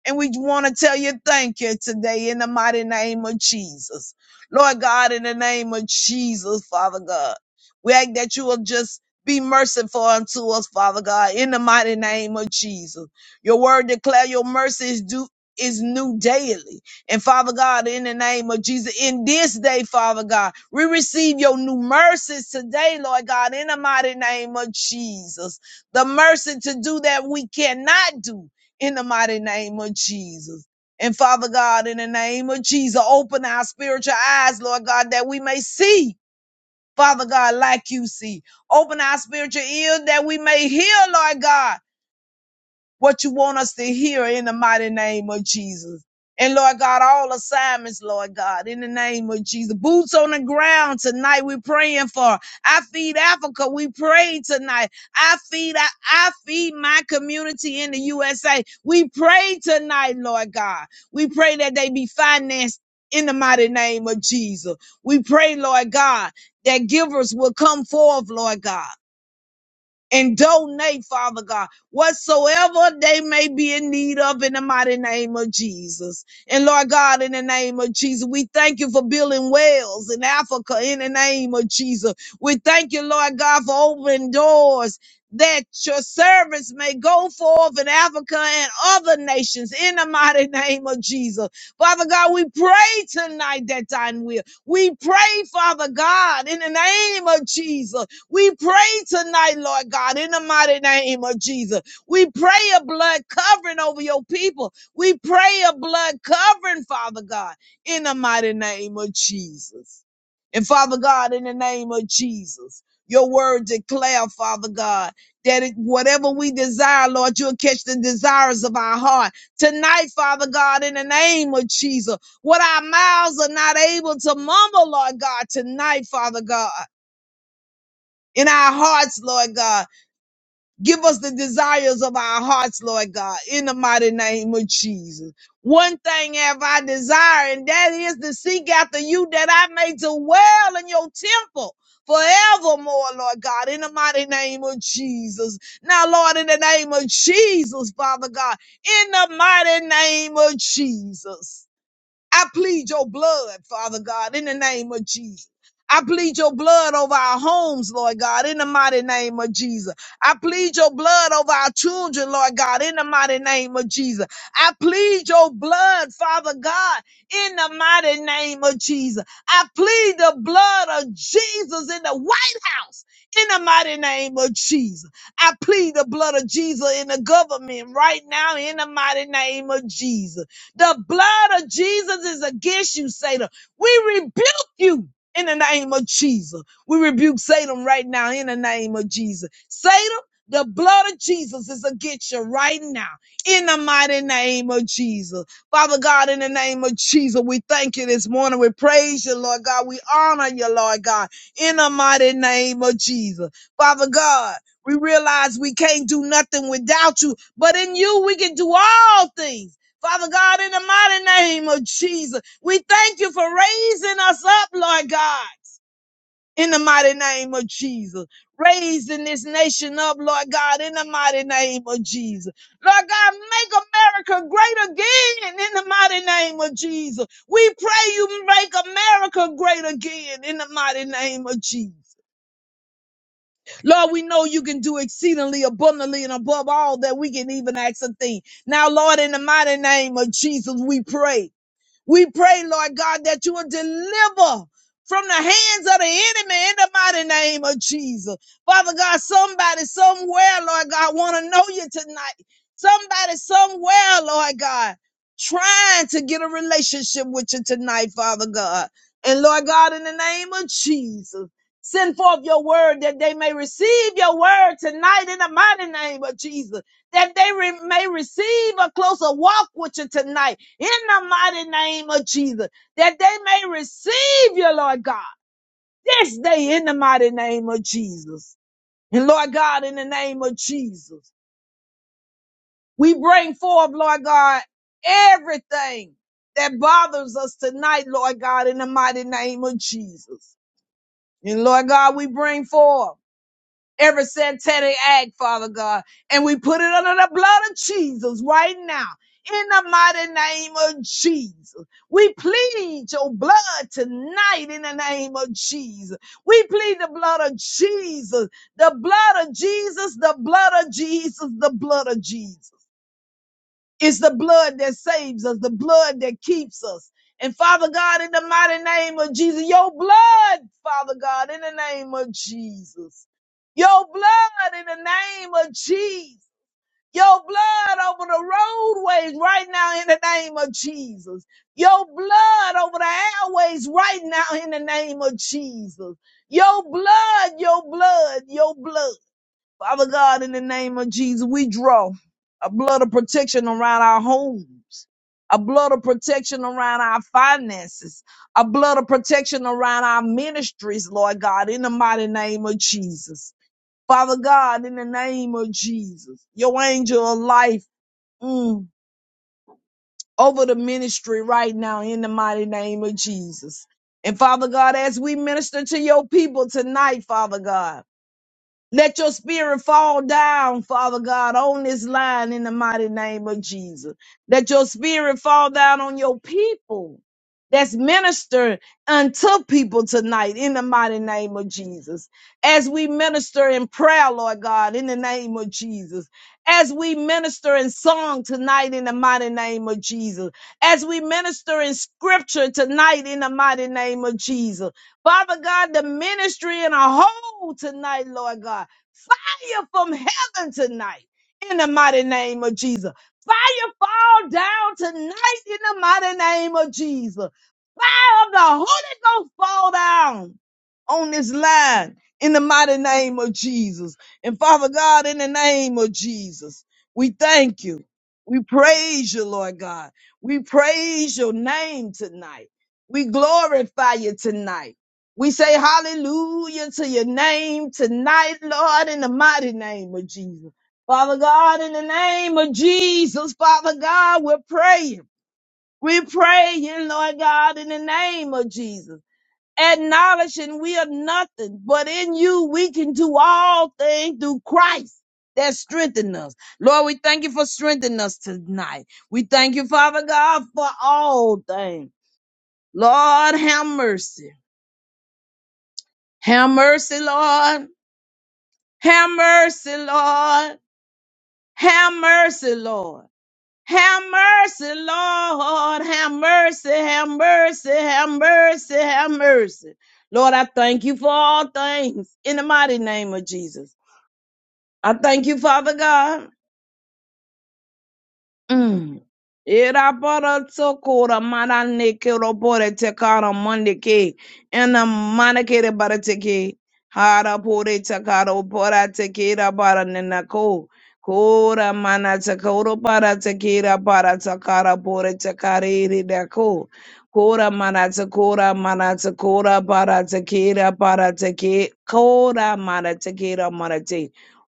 Speaker 2: And we want to tell you thank you today in the mighty name of Jesus. Lord God, in the name of Jesus, Father God, we ask that you will just be merciful unto us, Father God, in the mighty name of Jesus. Your word declare your mercy is due is new daily. And Father God, in the name of Jesus, in this day, Father God, we receive your new mercies today, Lord God, in the mighty name of Jesus. The mercy to do that we cannot do in the mighty name of Jesus. And Father God, in the name of Jesus, open our spiritual eyes, Lord God, that we may see, Father God, like you see. Open our spiritual ears that we may hear, Lord God what you want us to hear in the mighty name of Jesus. And Lord God, all assignments, Lord God, in the name of Jesus. Boots on the ground tonight, we're praying for. I feed Africa, we pray tonight. I feed, I, I feed my community in the USA. We pray tonight, Lord God. We pray that they be financed in the mighty name of Jesus. We pray, Lord God, that givers will come forth, Lord God and donate, Father God, whatsoever they may be in need of in the mighty name of Jesus. And Lord God, in the name of Jesus, we thank you for building wells in Africa in the name of Jesus. We thank you, Lord God, for opening doors. That your servants may go forth in Africa and other nations in the mighty name of Jesus. Father God, we pray tonight that thine will. We pray, Father God, in the name of Jesus, we pray tonight, Lord God, in the mighty name of Jesus. We pray a blood covering over your people. We pray a blood covering, Father God, in the mighty name of Jesus. And Father God, in the name of Jesus, your word declare, Father God, that it, whatever we desire, Lord, you'll catch the desires of our heart. Tonight, Father God, in the name of Jesus, what our mouths are not able to mumble, Lord God, tonight, Father God in our hearts, Lord God. Give us the desires of our hearts, Lord God, in the mighty name of Jesus. One thing have I desire, and that is to seek after you that I may dwell in your temple forevermore, Lord God, in the mighty name of Jesus. Now, Lord, in the name of Jesus, Father God, in the mighty name of Jesus. I plead your blood, Father God, in the name of Jesus. I plead your blood over our homes, Lord God, in the mighty name of Jesus. I plead your blood over our children, Lord God, in the mighty name of Jesus. I plead your blood, Father God, in the mighty name of Jesus. I plead the blood of Jesus in the White House, in the mighty name of Jesus. I plead the blood of Jesus in the government right now, in the mighty name of Jesus. The blood of Jesus is against you, Satan. We rebuke you in the name of Jesus. We rebuke Satan right now in the name of Jesus. Satan, the blood of Jesus is against you right now in the mighty name of Jesus. Father God, in the name of Jesus, we thank you this morning. We praise you, Lord God. We honor you, Lord God, in the mighty name of Jesus. Father God, we realize we can't do nothing without you, but in you we can do all things Father God, in the mighty name of Jesus, we thank you for raising us up, Lord God, in the mighty name of Jesus. Raising this nation up, Lord God, in the mighty name of Jesus. Lord God, make America great again in the mighty name of Jesus. We pray you make America great again in the mighty name of Jesus. Lord, we know you can do exceedingly abundantly and above all that we can even ask a thing. Now, Lord, in the mighty name of Jesus, we pray. We pray, Lord God, that you will deliver from the hands of the enemy in the mighty name of Jesus. Father God, somebody somewhere, Lord God, want to know you tonight. Somebody somewhere, Lord God, trying to get a relationship with you tonight, Father God. And Lord God, in the name of Jesus, send forth your word that they may receive your word tonight in the mighty name of Jesus, that they re- may receive a closer walk with you tonight in the mighty name of Jesus, that they may receive you, Lord God, this day in the mighty name of Jesus. And Lord God, in the name of Jesus, we bring forth, Lord God, everything that bothers us tonight, Lord God, in the mighty name of Jesus. And Lord God, we bring forth every satanic act, Father God. And we put it under the blood of Jesus right now. In the mighty name of Jesus, we plead your blood tonight in the name of Jesus. We plead the blood of Jesus, the blood of Jesus, the blood of Jesus, the blood of Jesus. It's the blood that saves us, the blood that keeps us. And Father God, in the mighty name of Jesus, your blood, Father God, in the name of Jesus, your blood in the name of Jesus, your blood over the roadways right now in the name of Jesus, your blood over the airways right now in the name of Jesus, your blood, your blood, your blood. Father God, in the name of Jesus, we draw a blood of protection around our homes, a blood of protection around our finances, a blood of protection around our ministries, Lord God, in the mighty name of Jesus. Father God, in the name of Jesus, your angel of life mm, over the ministry right now, in the mighty name of Jesus. And Father God, as we minister to your people tonight, Father God, let your spirit fall down, Father God, on this line in the mighty name of Jesus. Let your spirit fall down on your people that's ministered unto people tonight in the mighty name of Jesus. As we minister in prayer, Lord God, in the name of Jesus. As we minister in song tonight in the mighty name of Jesus. As we minister in scripture tonight in the mighty name of Jesus Father God, the ministry in a whole tonight, Lord God. Fire from heaven tonight in the mighty name of Jesus. Fire fall down tonight in the mighty name of Jesus. Fire of the Holy Ghost fall down on this line in the mighty name of Jesus. And Father God, in the name of Jesus, we thank you. We praise you, Lord God. We praise your name tonight. We glorify you tonight. We say hallelujah to your name tonight, Lord, in the mighty name of Jesus. Father God, in the name of Jesus, Father God, we're praying. We're praying, Lord God, in the name of Jesus. Acknowledging we are nothing, but in you we can do all things through Christ that strengthens us. Lord, we thank you for strengthening us tonight. We thank you, Father God, for all things. Lord, have mercy. Have mercy, Lord. Have mercy, Lord. Have mercy, Lord. Have mercy, Lord. Have mercy, have mercy, have mercy, have mercy. Lord, I thank you for all things in the mighty name of Jesus. I thank you, Father God. Mm. Ira bara tsokora mana neke robore tekara mandeke ena mana kere bara teke hara pore tekara opora tekera bara nenako kora mana tekoro bara tekera bara tekara pore tekare iridako kora mana tekora mana tekora bara tekera bara teke kora mana tekera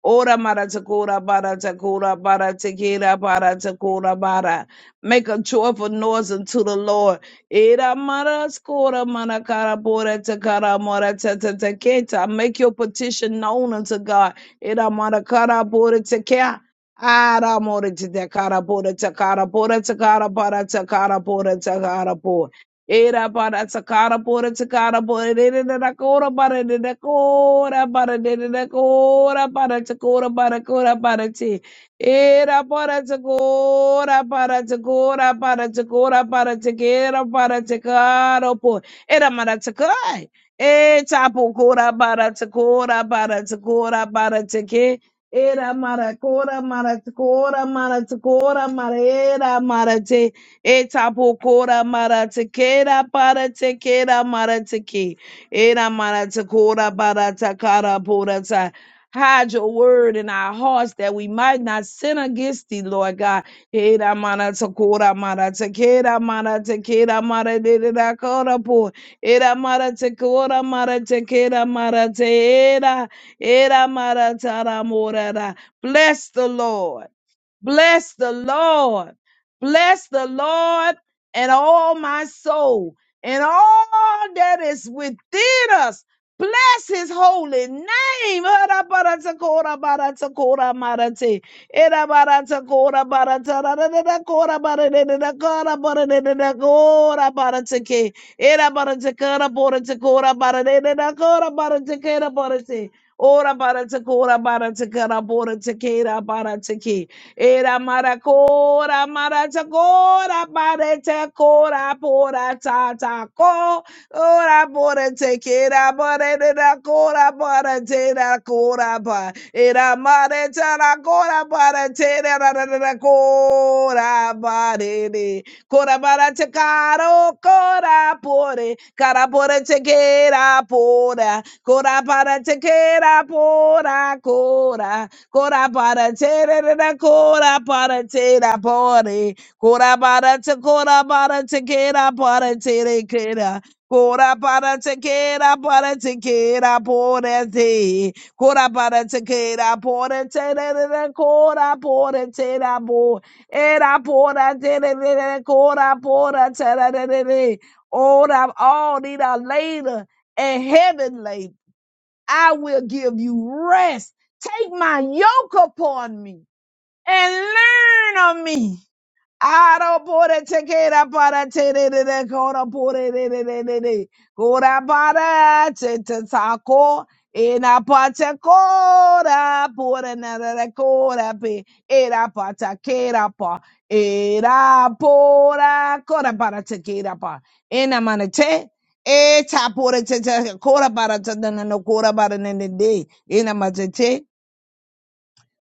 Speaker 2: Ora mara takura bara takura bara takira bara takura bara. Make a joyful noise unto the Lord. Ira mara skora mara kara bora takara mora tata taketa. Make your petition known unto God. Ira mara kara bora takea. Ara mora takara bora takara bora takara bara takara bora takara bora. Era para sakara pora sakara pora de de da kora para de da kora para de de da kora para sakora para kora para ti. Era para sakora para sakora para sakora para sakera para sakara po. Era mara sakai. E chapo kora para sakora para sakora para sake. Era mara kora mara sakora mara sakora mara era mara te. Etapokora maratekera paratekera marateke. Era maratekora baratakara porata. Hide your word in our hearts that we might not sin against thee, Lord God. Era maratekora maratekera maratekera maratekera por. Era maratekora maratekera maratekera. Era maratara morara. Bless the Lord. Bless the Lord. Bless the Lord and all my soul and all that is within us. Bless his holy name. Arabaratakorabaratakораbarate. Erabaratakораbaratararakораbaratararakораbaratararakораbaratake. Erabaratakaboratakaboratararakораbaratararakораbaratake. Orabaratakora Era maracora, maracora, parete, cora, pora, tata ta, co, ora, pora, te, quera, parete, da, cora, parete, da, cora, pa, era marete, da, cora, parete, da, da, da, da, cora, parete, cora, parete, caro, cora, pore, cara, parete, quera, pora, cora, parete, quera, pora, cora, Kora para tere re ra kora para tera pore. Kora para te kora para te kera para tere kera. Kora para te kera para te kera pore te. Kora para te kera pore tere re ra kora pore tera bo. Era pora tere re ra kora pora tere re re. re. Ora all need a later and heaven labor. I will give you rest. Take my yoke upon me and learn of me. Aro pore tekera para tere de de kora pore de de de de de kora para te te sako ena pata kora pore na de de kora pe era pata kera pa era pora kora para tekera pa ena manete e tapore te te kora para te na no kora para ne de de ena manete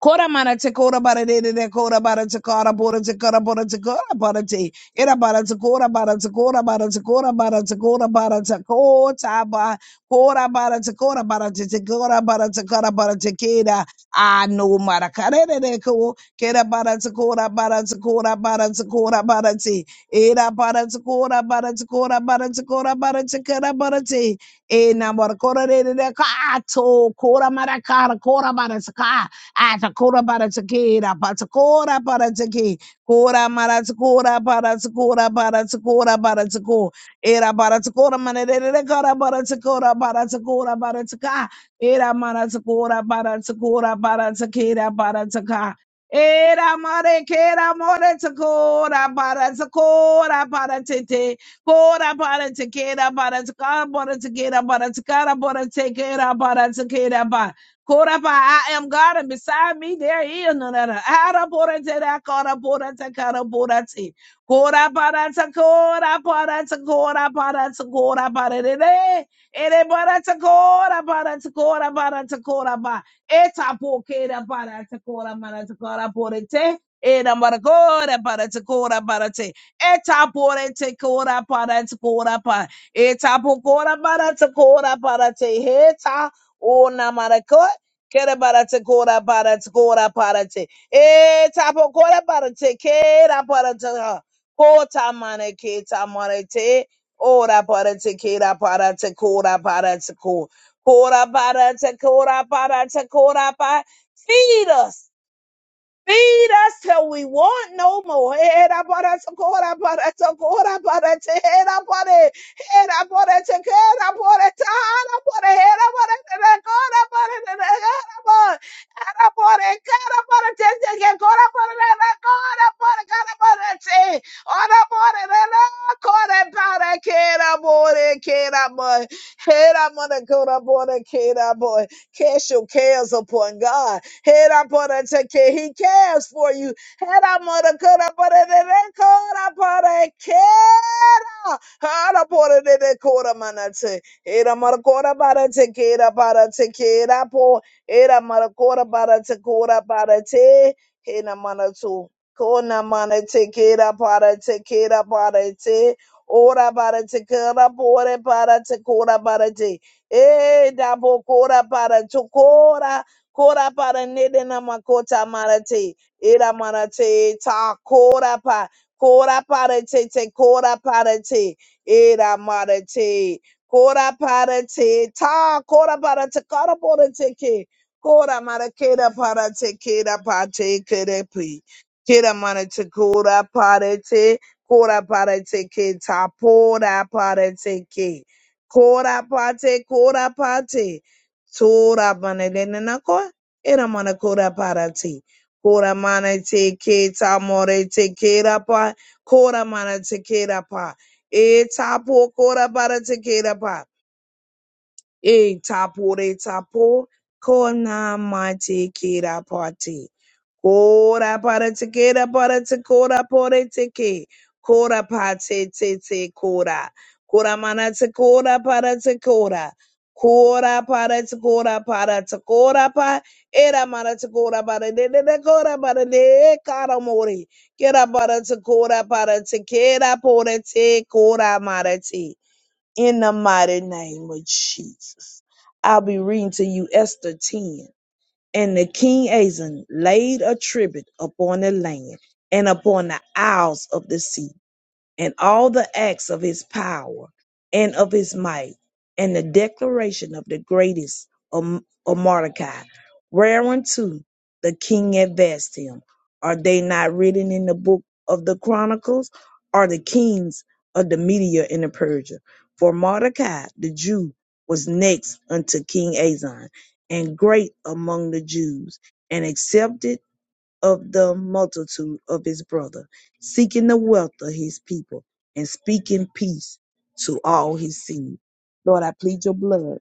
Speaker 2: Kora mana te kora bara de de de kora bara te kora bora te kora bora te kora bara te era bara te kora bara te kora bara te kora bara te kora bara te kora ba kora bara te kora bara te te kora bara te kora bara te kera ano mara kare de de ko kera bara te kora bara te kora bara te kora bara te era bara te kora bara te kora bara te kora bara te kora bara te e na mara kora de de de ka to kora mara kara kora bara te ka Atakora paratakera, patakora paratake, kora maratakora paratakora paratakora paratako, era paratakora manere kara paratakora paratakora parataka, era maratakora paratakora paratakera parataka. Era mare kera more takora para takora para tete Kora para tekera para taka para tekera para takara para tekera para tekera Korapa, I am God, and beside me there is none other. Araporete, da koraporete, karaporete. Koraparata, koraparata, koraparata, koraparere. Ereparata, koraparata, koraparata, korapa. Etapokera parata, koraparata, koraporete. Enamara koraparata, koraparate. Etaporete, koraparata, korapa. Etapokoraparata, koraparate. Heta. O namarako Kera barate kora barate kora barate. E tapo kora barate kera barate ha. Kota mane keta marete. Ora barate kera barate kora barate ko. Kora barate kora barate kora ba. Feed us. Feed us till we want no more. Era para socorra para socorra para te era para era para te era para te era para era para te recora para te recora era para era para te te recora para te recora para cara para te ora para recora para que era para que era para era para que era para cast your cares upon God Heraporateke. He cares for you. Heramorakaraparerekoraparekera. Haraporerekoramanate. Heramorakoraparetekeraparetekerapo. Heramorakoraparetekoraparete. Heramanatu. Konamanatekeraparetekeraparete. Ora para te kara pore para te kora para te. E da bo kora para Kora para nede na makota marate. Ira marate ta kora pa. Kora para te te kora para te. Ira marate. Kora para te ta kora para te kora para te ke. Kora mara kera para te kera pa te kere pi. Kera mara te kora para te. Kora para te ke ta pora para te ke. Kora pate, kora pate. Tora manelena koa, era mana kora para Kora mana te ke ta more te kera pa, kora mana te kera pa. E tapo kora para te kera pa. E tapo re tapo, kona ma te kera pa te. Kora para teke tekera para te kora pore teke. Kora pa te te te kora. Kora mana te kora para te kora. Kora para te kora para te kora pa. Era mana te kora para de de de kora para de kara mori. Kera para te kora para te kera pore te kora mara te. In the mighty name of Jesus. I'll be reading to you Esther 10. And the king Azan laid a tribute upon the land and upon the isles of the sea and all the acts of his power and of his might, and the declaration of the greatest of, of Mordecai, whereunto the king advanced him. Are they not written in the book of the Chronicles? Are the kings of the Media and the Persia? For Mordecai the Jew was next unto King Azan, and great among the Jews, and accepted of the multitude of his brother, seeking the wealth of his people, and speaking peace to all his seed. Lord, I plead your blood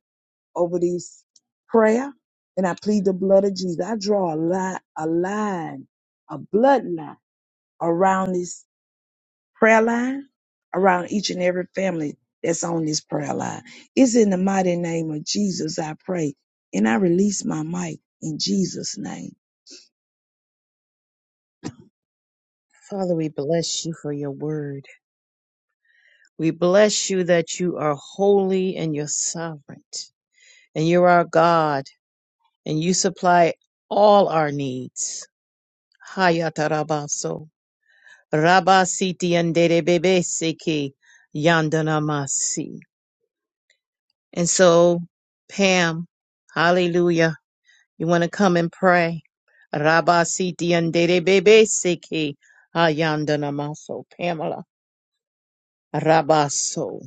Speaker 2: over this prayer, and I plead the blood of Jesus. I draw a line, a line, a bloodline around this prayer line, around each and every family that's on this prayer line. It's in the mighty name of Jesus I pray, and I release my mic in Jesus' name.
Speaker 1: Father, we bless you for your word. We bless you that you are holy and you're sovereign, and you're our God, and you supply all our needs. Hayatarabaso. Rabasiti anderebebe seki yandanamasi. And so, Pam, hallelujah, you want to come and pray. Rabasiti anderebebe seki hayandanamaso. Pamela, rabaso.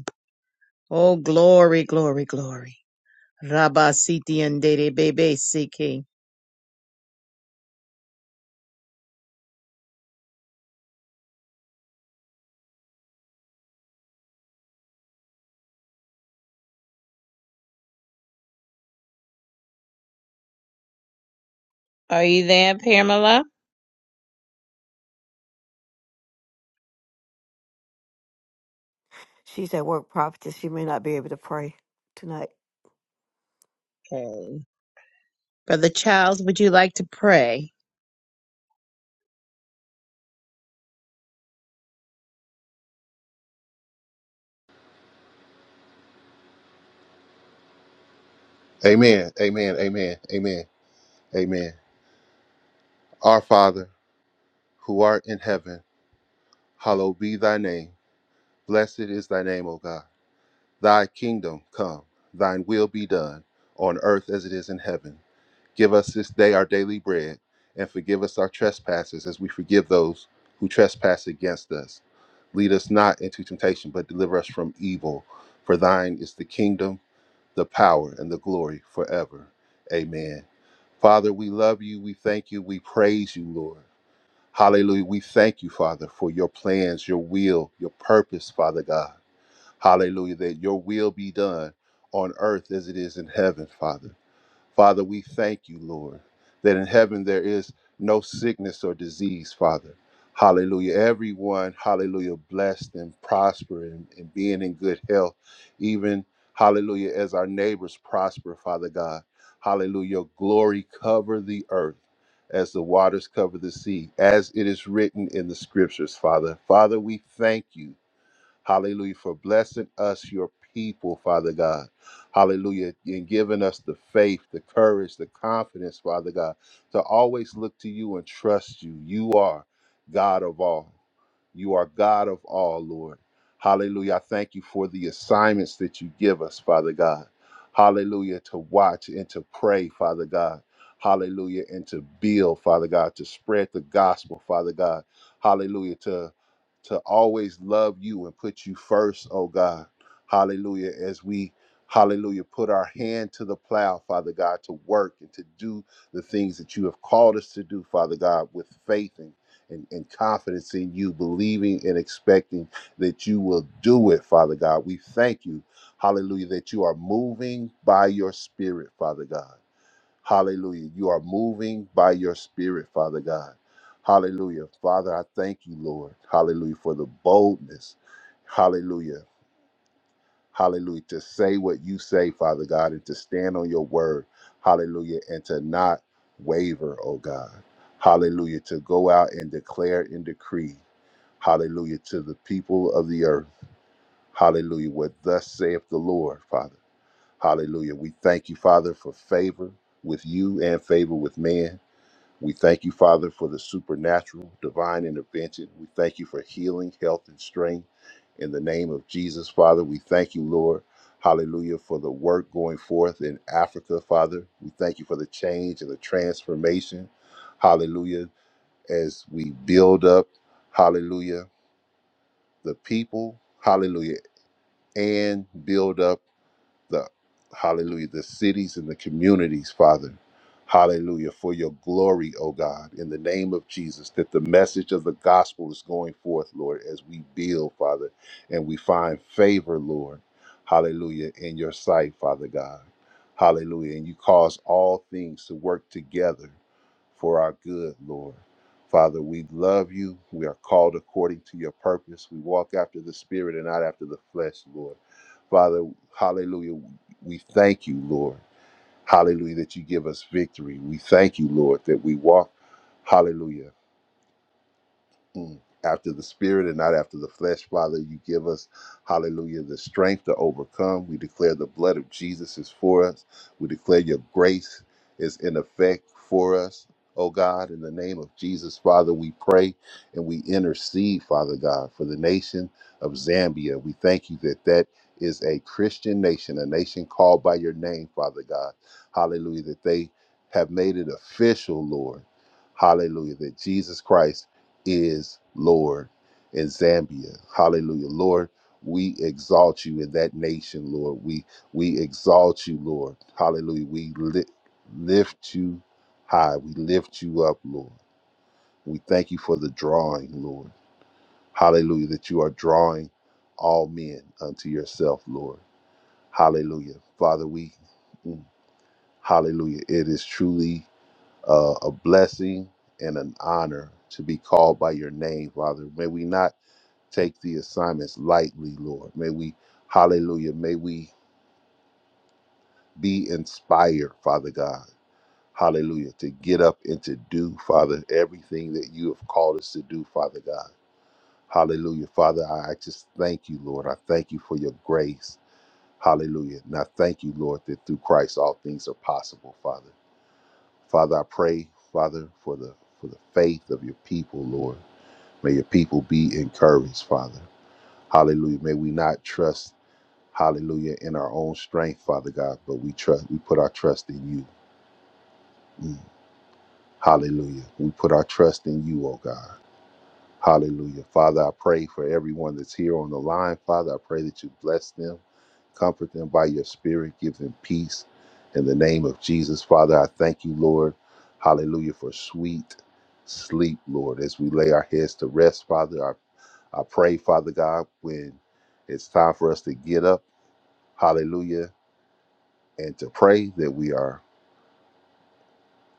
Speaker 1: Oh, glory, glory, glory. Rabba Siti and Dede Bebe Siki. Are you there, Pamela?
Speaker 3: She's at work, prophetess. She may not be able to pray tonight.
Speaker 1: Okay. Brother Charles, would you like to pray?
Speaker 4: Amen. Amen. Amen. Amen. Amen. Our Father, who art in heaven, hallowed be thy name. Blessed is thy name, O God. Thy kingdom come, thine will be done, on earth as it is in heaven. Give us this day our daily bread, and forgive us our trespasses as we forgive those who trespass against us. Lead us not into temptation, but deliver us from evil. For thine is the kingdom the power and the glory forever. Amen. Father, we love you. We thank you. We praise you, Lord. Hallelujah. We thank you, Father, for your plans, your will, your purpose, Father God. Hallelujah. That your will be done on earth as it is in heaven, Father. Father, we thank you, Lord, that in heaven there is no sickness or disease, Father. Hallelujah. Everyone, hallelujah, blessed and prospering and, and being in good health, even, hallelujah, as our neighbors prosper, Father God. Hallelujah. Your Glory cover the earth as the waters cover the sea, as it is written in the scriptures, Father. Father, we thank you. Hallelujah. For blessing us, your people, Father God. Hallelujah. And giving us the faith, the courage, the confidence, Father God, to always look to you and trust you. You are God of all. You are God of all, Lord. Hallelujah. I thank you for the assignments that you give us, Father God. Hallelujah. To watch and to pray, Father God. Hallelujah. And to build, Father God, to spread the gospel, Father God. Hallelujah. to to always love you and put you first, oh God. Hallelujah. As we, hallelujah, put our hand to the plow, Father God, to work and to do the things that you have called us to do, Father God, with faith and, and, and confidence in you, believing and expecting that you will do it, Father God. We thank you, hallelujah, that you are moving by your spirit, Father God. Hallelujah. You are moving by your spirit, Father God. Hallelujah. Father, I thank you, Lord. Hallelujah. For the boldness. Hallelujah. Hallelujah. To say what you say, Father God, and to stand on your word. Hallelujah. And to not waver, oh God. Hallelujah. To go out and declare and decree. Hallelujah. To the people of the earth. Hallelujah. What thus saith the Lord, Father. Hallelujah. We thank you, Father, for favor with you and favor with man. We thank you, Father, for the supernatural, divine intervention. We thank you for healing, health, and strength. In the name of Jesus, Father, we thank you, Lord. Hallelujah, for the work going forth in Africa, Father. We thank you for the change and the transformation. Hallelujah, as we build up, hallelujah, the people, hallelujah, and build up the hallelujah the cities and the communities father hallelujah for your glory O god in the name of jesus that the message of the gospel is going forth lord as we build father and we find favor lord hallelujah in your sight father god hallelujah and you cause all things to work together for our good lord Father, we love you. We are called according to your purpose. We walk after the Spirit and not after the flesh, Lord. Father. Hallelujah. We thank you, Lord. Hallelujah, that you give us victory. We thank you, Lord, that we walk. Hallelujah. Mm. after the spirit and not after the flesh. Father, you give us, hallelujah, the strength to overcome. We declare the blood of Jesus is for us. We declare your grace is in effect for us. Oh God, in the name of Jesus, Father, we pray and we intercede, Father God, for the nation of Zambia. We thank you that that is a Christian nation, a nation called by your name, Father God. Hallelujah, that they have made it official, Lord. Hallelujah, that Jesus Christ is Lord in Zambia. Hallelujah. Lord, we exalt you in that nation, Lord. We we exalt you, Lord. Hallelujah. We li- lift you high. We lift you up, Lord. We thank you for the drawing, Lord. Hallelujah. That you are drawing all men unto yourself, Lord. Hallelujah. Father, we mm, hallelujah. It is truly uh, a blessing and an honor to be called by your name, Father. May we not take the assignments lightly, Lord. May we, hallelujah, may we be inspired, Father God, hallelujah, to get up and to do, Father, everything that you have called us to do, Father God. Hallelujah. Father, I I just thank you, Lord. I thank you for your grace. Hallelujah. And I thank you, Lord, that through Christ all things are possible, Father. Father, I pray, Father, for the for the faith of your people, Lord. May your people be encouraged, Father. Hallelujah. May we not trust Hallelujah. In our own strength, Father God, but we trust, we put our trust in you. Mm. Hallelujah. We put our trust in you, oh God. Hallelujah. Father, I pray for everyone that's here on the line. Father, I pray that you bless them, comfort them by your spirit, give them peace. In the name of Jesus, Father, I thank you, Lord. Hallelujah, for sweet sleep, Lord. As we lay our heads to rest, Father, I I pray, Father God, when it's time for us to get up, hallelujah. and to pray that we are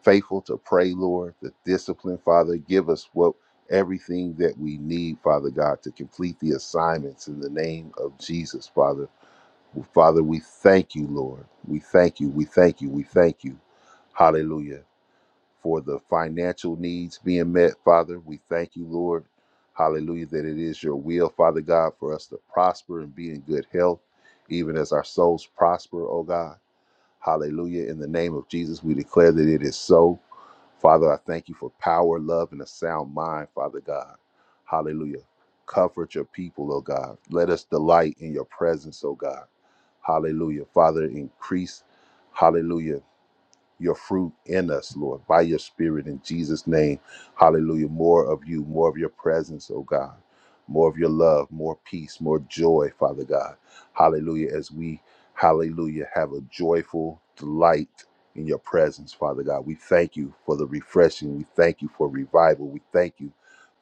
Speaker 4: faithful to pray, Lord, the discipline, Father. Give us what everything that we need, Father God, to complete the assignments in the name of Jesus, Father. Well, Father, we thank you, Lord. We thank you. We thank you. We thank you. Hallelujah. For the financial needs being met, Father. We thank you, Lord. Hallelujah. That it is your will, Father God, for us to prosper and be in good health, even as our souls prosper, oh God. Hallelujah. In the name of Jesus, we declare that it is so. Father, I thank you for power, love, and a sound mind, Father God. Hallelujah. Comfort your people, oh God. Let us delight in your presence, oh God. Hallelujah. Father, increase, hallelujah your fruit in us, Lord, by your spirit in Jesus' name. Hallelujah. More of you, more of your presence, oh God. More of your love, more peace, more joy, Father God. Hallelujah. As we, hallelujah, have a joyful delight in your presence, Father God. We thank you for the refreshing. We thank you for revival. We thank you,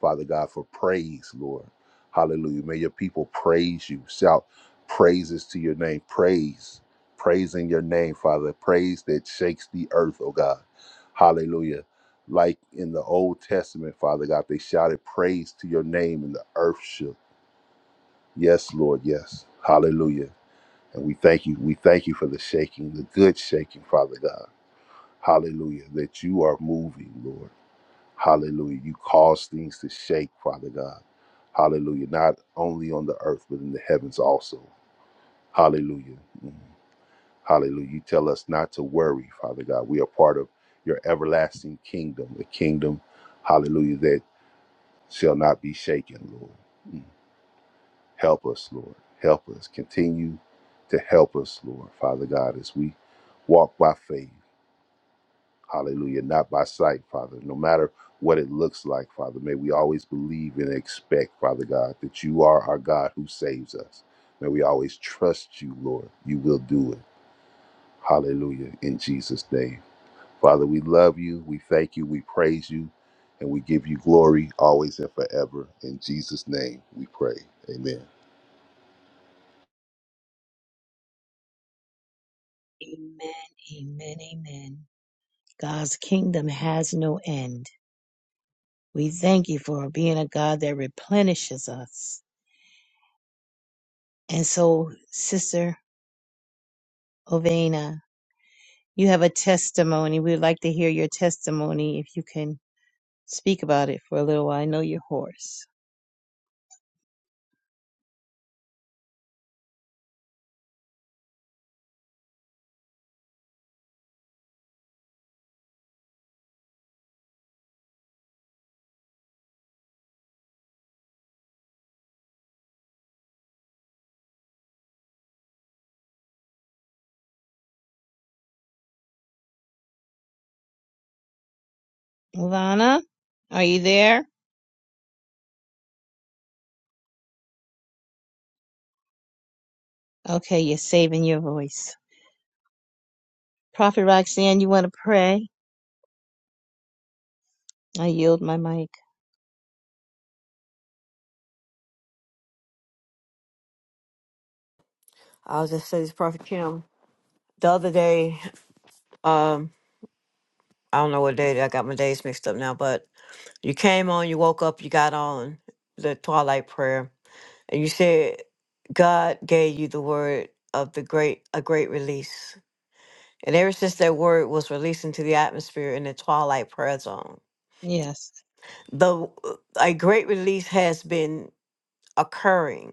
Speaker 4: Father God, for praise, Lord. Hallelujah. May your people praise you. Shout praises to your name. Praise praising your name, Father. Praise that shakes the earth, oh God. Hallelujah. Like in the Old Testament, Father God, they shouted praise to your name and the earth shook. Yes, Lord, yes. Hallelujah. And we thank you. We thank you for the shaking, the good shaking, Father God. Hallelujah. That you are moving, Lord. Hallelujah. You cause things to shake, Father God. Hallelujah. Not only on the earth, but in the heavens also. Hallelujah. Mm-hmm. Hallelujah. You tell us not to worry, Father God. We are part of your everlasting kingdom, the kingdom, hallelujah, that shall not be shaken, Lord. Mm. Help us, Lord. Help us. Continue to help us, Lord, Father God, as we walk by faith, hallelujah, not by sight, Father. No matter what it looks like, Father, may we always believe and expect, Father God, that you are our God who saves us. May we always trust you, Lord. You will do it. Hallelujah. In Jesus' name. Father, we love you, we thank you, we praise you, and we give you glory always and forever. In Jesus' name we pray. Amen.
Speaker 1: Amen, amen, amen. God's kingdom has no end. We thank you for being a God that replenishes us. And so, Sister Ovena, you have a testimony. We'd like to hear your testimony if you can speak about it for a little while. I know you're hoarse. Ivana, Are you there? okay, you're saving your voice. Prophet Roxanne, you want to pray? I yield my mic.
Speaker 3: I'll just say this, Prophet Kim. The other day, um, I don't know what day. I got my days mixed up now, but you came on, you woke up, you got on the twilight prayer, and you said God gave you the word of the great a great release. And ever since that word was released into the atmosphere in the twilight prayer zone,
Speaker 1: Yes.
Speaker 3: the a great release has been occurring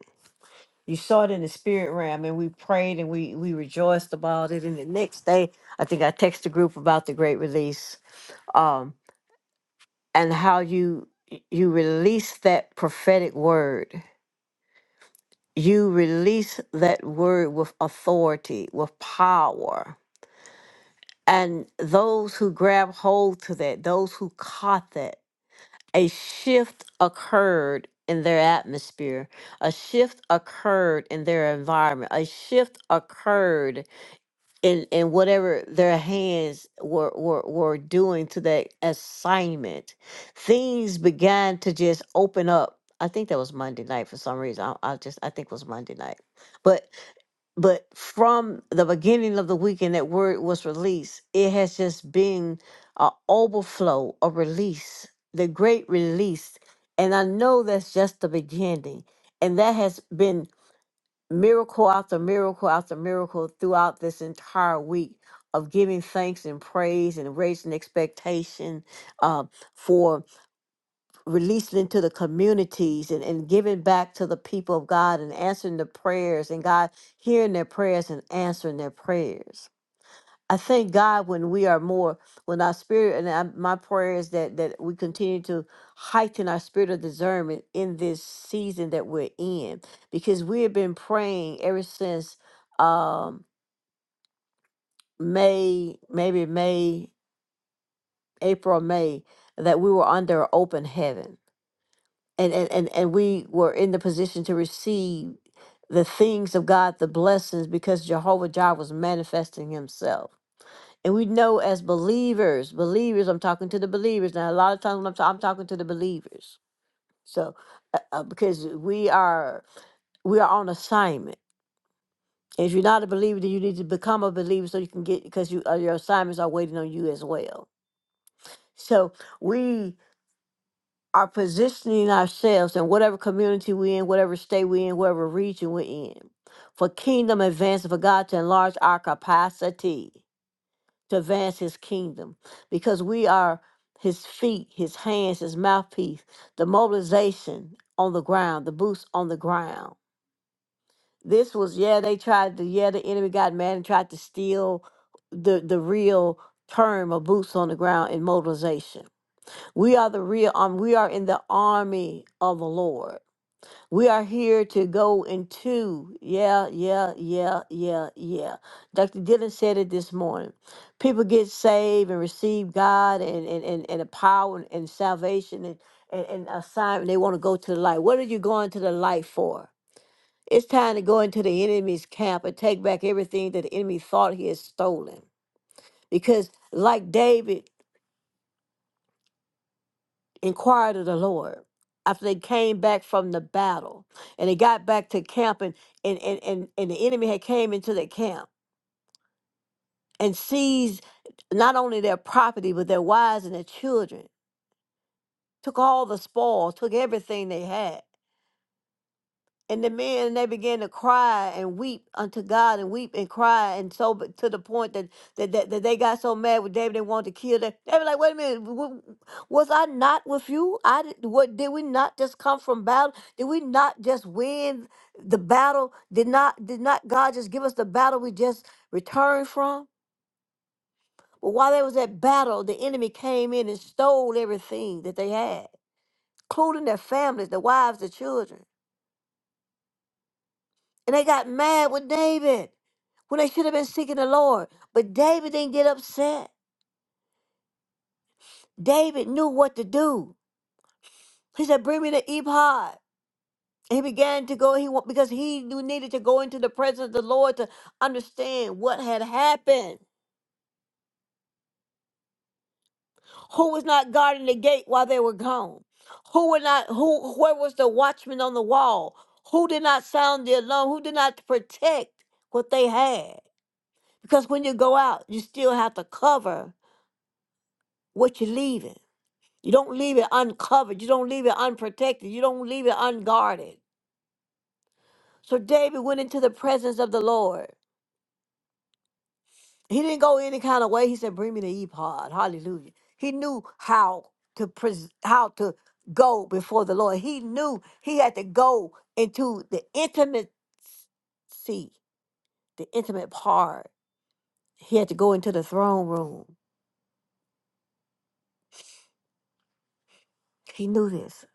Speaker 3: you saw it in the spirit realm and we prayed and we we rejoiced about it and the next day i think i texted the group about the great release um and how you you release that prophetic word you release that word with authority with power and those who grab hold to that those who caught that a shift occurred in their atmosphere a shift occurred in their environment a shift occurred and and whatever their hands were, were were doing to that assignment things began to just open up i think that was monday night for some reason i, I just i think it was monday night but but from the beginning of the weekend that word was released it has just been an overflow a release the great release and i know that's just the beginning and that has been miracle after miracle after miracle throughout this entire week of giving thanks and praise and raising expectation uh, for releasing into the communities and, and giving back to the people of God and answering the prayers and God hearing their prayers and answering their prayers. I thank God when we are more, when our spirit, and I, my prayer is that that we continue to heighten our spirit of discernment in this season that we're in, because we have been praying ever since um, May, maybe May, April, May, that we were under open heaven, and and and, and we were in the position to receive the things of God, the blessings, because Jehovah Jireh was manifesting Himself And we know as believers, believers, I'm talking to the believers. Now, a lot of times when I'm, ta- I'm talking to the believers. So, uh, uh, because we are we are on assignment. If you're not a believer, then you need to become a believer so you can get because you uh, your assignments are waiting on you as well. So we are positioning ourselves in whatever community we're in, whatever state we're in, whatever region we're in, for kingdom advancement, for God to enlarge our capacity to advance his kingdom because we are his feet, his hands, his mouthpiece, the mobilization on the ground, the boots on the ground. This was, yeah, they tried to, yeah, the enemy got mad and tried to steal the, the real term of boots on the ground in mobilization. We are the real army. We are in the army of the Lord. We are here to go into, yeah, yeah, yeah, yeah, yeah. Dr. Dylan said it this morning. People get saved and receive God and and and, and the power and, and salvation and and, and assignment. They want to go to the light. What are you going to the light for? It's time to go into the enemy's camp and take back everything that the enemy thought he had stolen. Because like David. inquired of the Lord after they came back from the battle and they got back to camp and and and, and, and the enemy had came into their camp and seized not only their property but their wives and their children took all the spoil took everything they had And the men and they began to cry and weep unto God and weep and cry and so but to the point that that, that, that they got so mad with David they wanted to kill them. They were like, "Wait a minute, w- was I not with you? I did, what did we not just come from battle? Did we not just win the battle? Did not did not God just give us the battle we just returned from?" But while they was at battle, the enemy came in and stole everything that they had, including their families, their wives, the children. And they got mad with David when they should have been seeking the Lord. But David didn't get upset. David knew what to do. He said, Bring me the ephod. he began to go, he wa- because he knew- needed to go into the presence of the Lord to understand what had happened. Who was not guarding the gate while they were gone? Who were not who where was the watchman on the wall? Who did not sound the alarm? Who did not protect what they had? Because when you go out, you still have to cover what you're leaving. You don't leave it uncovered. You don't leave it unprotected. You don't leave it unguarded. So David went into the presence of the Lord. He didn't go any kind of way. He said, "Bring me the ephod." Hallelujah. He knew how to pres- how to go before the Lord. He knew he had to go into the intimate see the intimate part. He had to go into the throne room. He knew this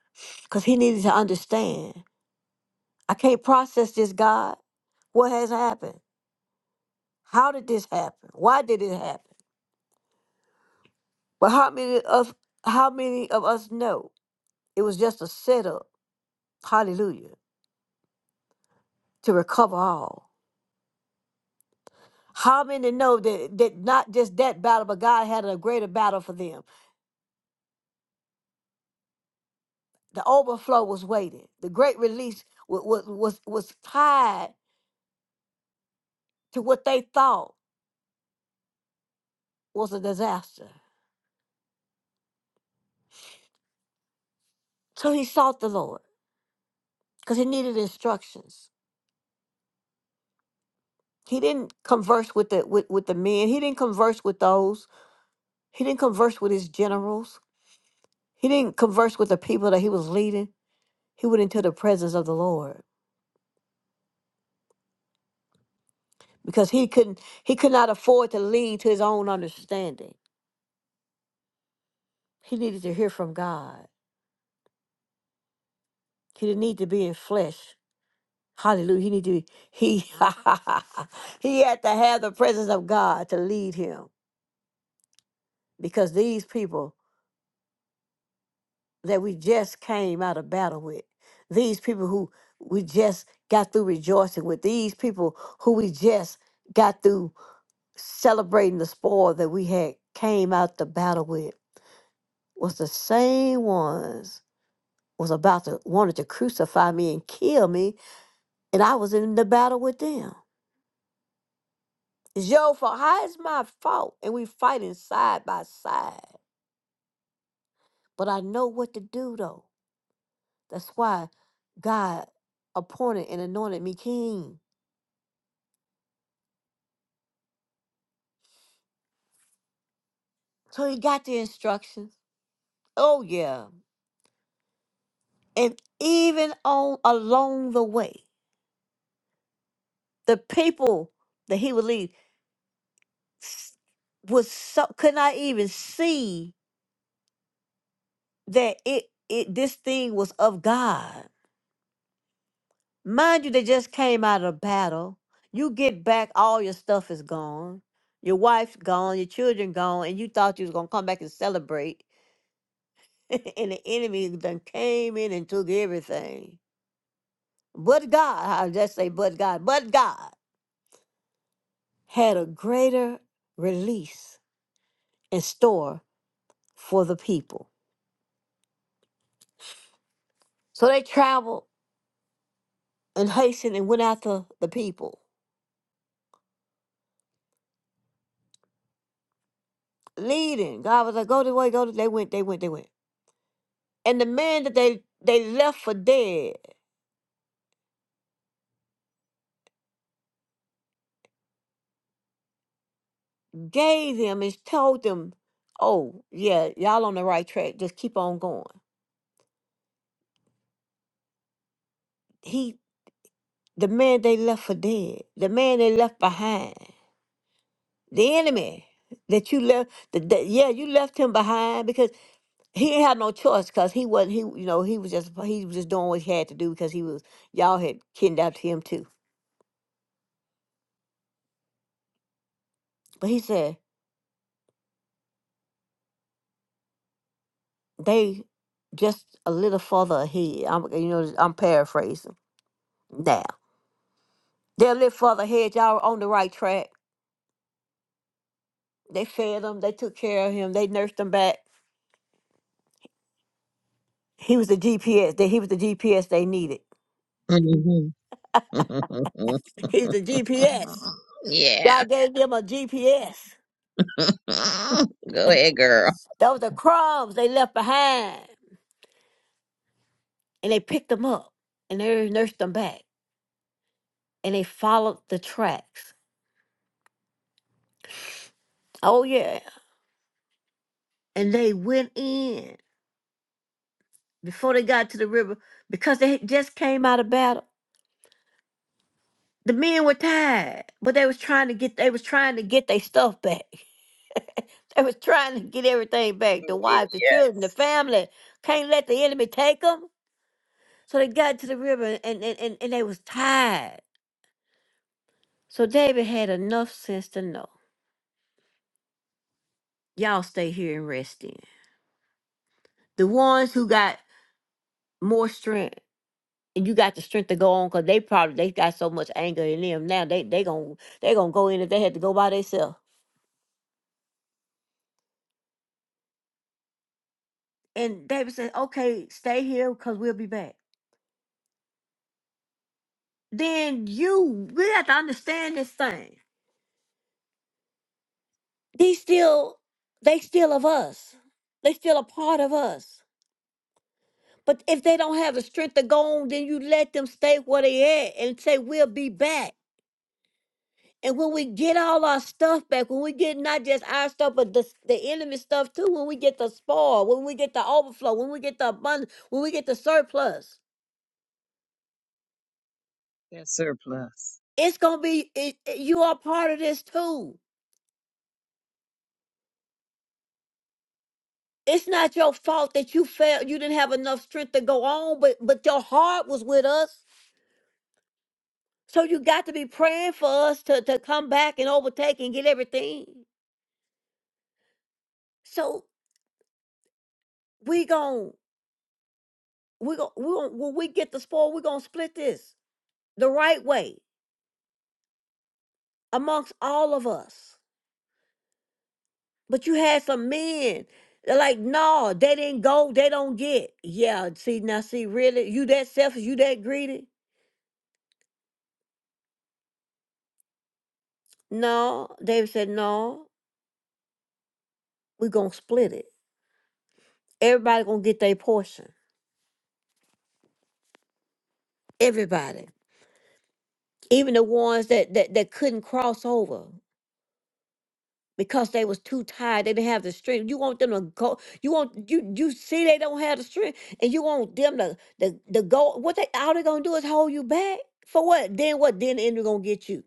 Speaker 3: because he needed to understand. I can't process this, God. What has happened? How did this happen? Why did it happen? But how many of how many of us know it was just a setup? Hallelujah. To recover all. How many know that, that not just that battle, but God had a greater battle for them? The overflow was waiting. The great release was, was, was tied to what they thought was a disaster. So he sought the Lord because he needed instructions. He didn't converse with the with, with the men. He didn't converse with those. He didn't converse with his generals. He didn't converse with the people that he was leading. He went into the presence of the Lord because he couldn't he could not afford to lean to his own understanding. He needed to hear from God. He didn't need to be in flesh. Hallelujah. He needed to be, he he had to have the presence of God to lead him because these people that we just came out of battle with, these people who we just got through rejoicing with, these people who we just got through celebrating the spoil that we had came out the battle with was the same ones was about to wanted to crucify me and kill me and i was in the battle with them it's your fault how is my fault and we fighting side by side but i know what to do though that's why god appointed and anointed me king so he got the instructions oh yeah and even on along the way the people that he would lead s- was so could not even see that it it this thing was of God. Mind you, they just came out of battle. You get back, all your stuff is gone. Your wife's gone, your children gone, and you thought you was gonna come back and celebrate. and the enemy then came in and took everything. But God, I just say but God, but God had a greater release in store for the people. So they traveled and hastened and went after the people, leading. God was like, "Go this way, go." This. They went, they went, they went. And the man that they they left for dead gave them and told them, "Oh yeah, y'all on the right track. Just keep on going." He, the man they left for dead, the man they left behind, the enemy that you left. The, the yeah, you left him behind because he didn't have no choice because he wasn't. He you know he was just he was just doing what he had to do because he was y'all had kidnapped him too. But he said. they just a little further ahead. I'm you know I'm paraphrasing now. They're a little further ahead. Y'all were on the right track. They fed him. They took care of him. They nursed him back. He was the GPS. That he was the GPS they needed.
Speaker 1: Mhm.
Speaker 3: He was the GPS.
Speaker 1: yeah.
Speaker 3: God gave them a GPS.
Speaker 1: Go ahead, girl.
Speaker 3: Those are crumbs they left behind, and they picked them up, and they nursed them back, and they followed the tracks. Oh yeah, and they went in before they got to the river because they had just came out of battle The men were tired, but they was trying to get they was trying to get their stuff back. They was trying to get everything back. The
Speaker 1: Oh,
Speaker 3: wives, the
Speaker 1: Yeah.
Speaker 3: children, the family can't let the enemy take them. So they got to the river and and, and, and they was tired. So David had enough sense to know. Y'all stay here and rest in. The ones who got more strength and you got the strength to go on because they probably they got so much anger in them now they they going to they gonna go in if they had to go by themselves. And David said, okay, stay here because we'll be back. then you we have to understand this thing. These still they still of us. They still a part of us. But if they don't have the strength to go on, then you let them stay where they at and say we'll be back. And when we get all our stuff back, when we get not just our stuff, but the, the enemy stuff too, when we get the spoil, when we get the overflow, when we get the abundance, when we get the surplus,
Speaker 1: That surplus.
Speaker 3: it's gonna be it, it- you are part of this too. it's not your fault that you failed you didn't have enough strength to go on but but your heart was with us so you got to be praying for us to to come back and overtake and get everything so we gon' we gon' we gon' when we get the spoil we gonna split this the right way amongst all of us but you had some men they like no they didn't go they don't get yeah see now see really you that selfish you that greedy no david said no we gonna split it Everybody gonna get their portion. Everybody. Even the ones that, that that couldn't cross over because they was too tired. They didn't have the strength. You want them to go you want you you see they don't have the strength and you want them to the the go what they all they gonna do is hold you back. For what? Then what then the enemy gonna get you?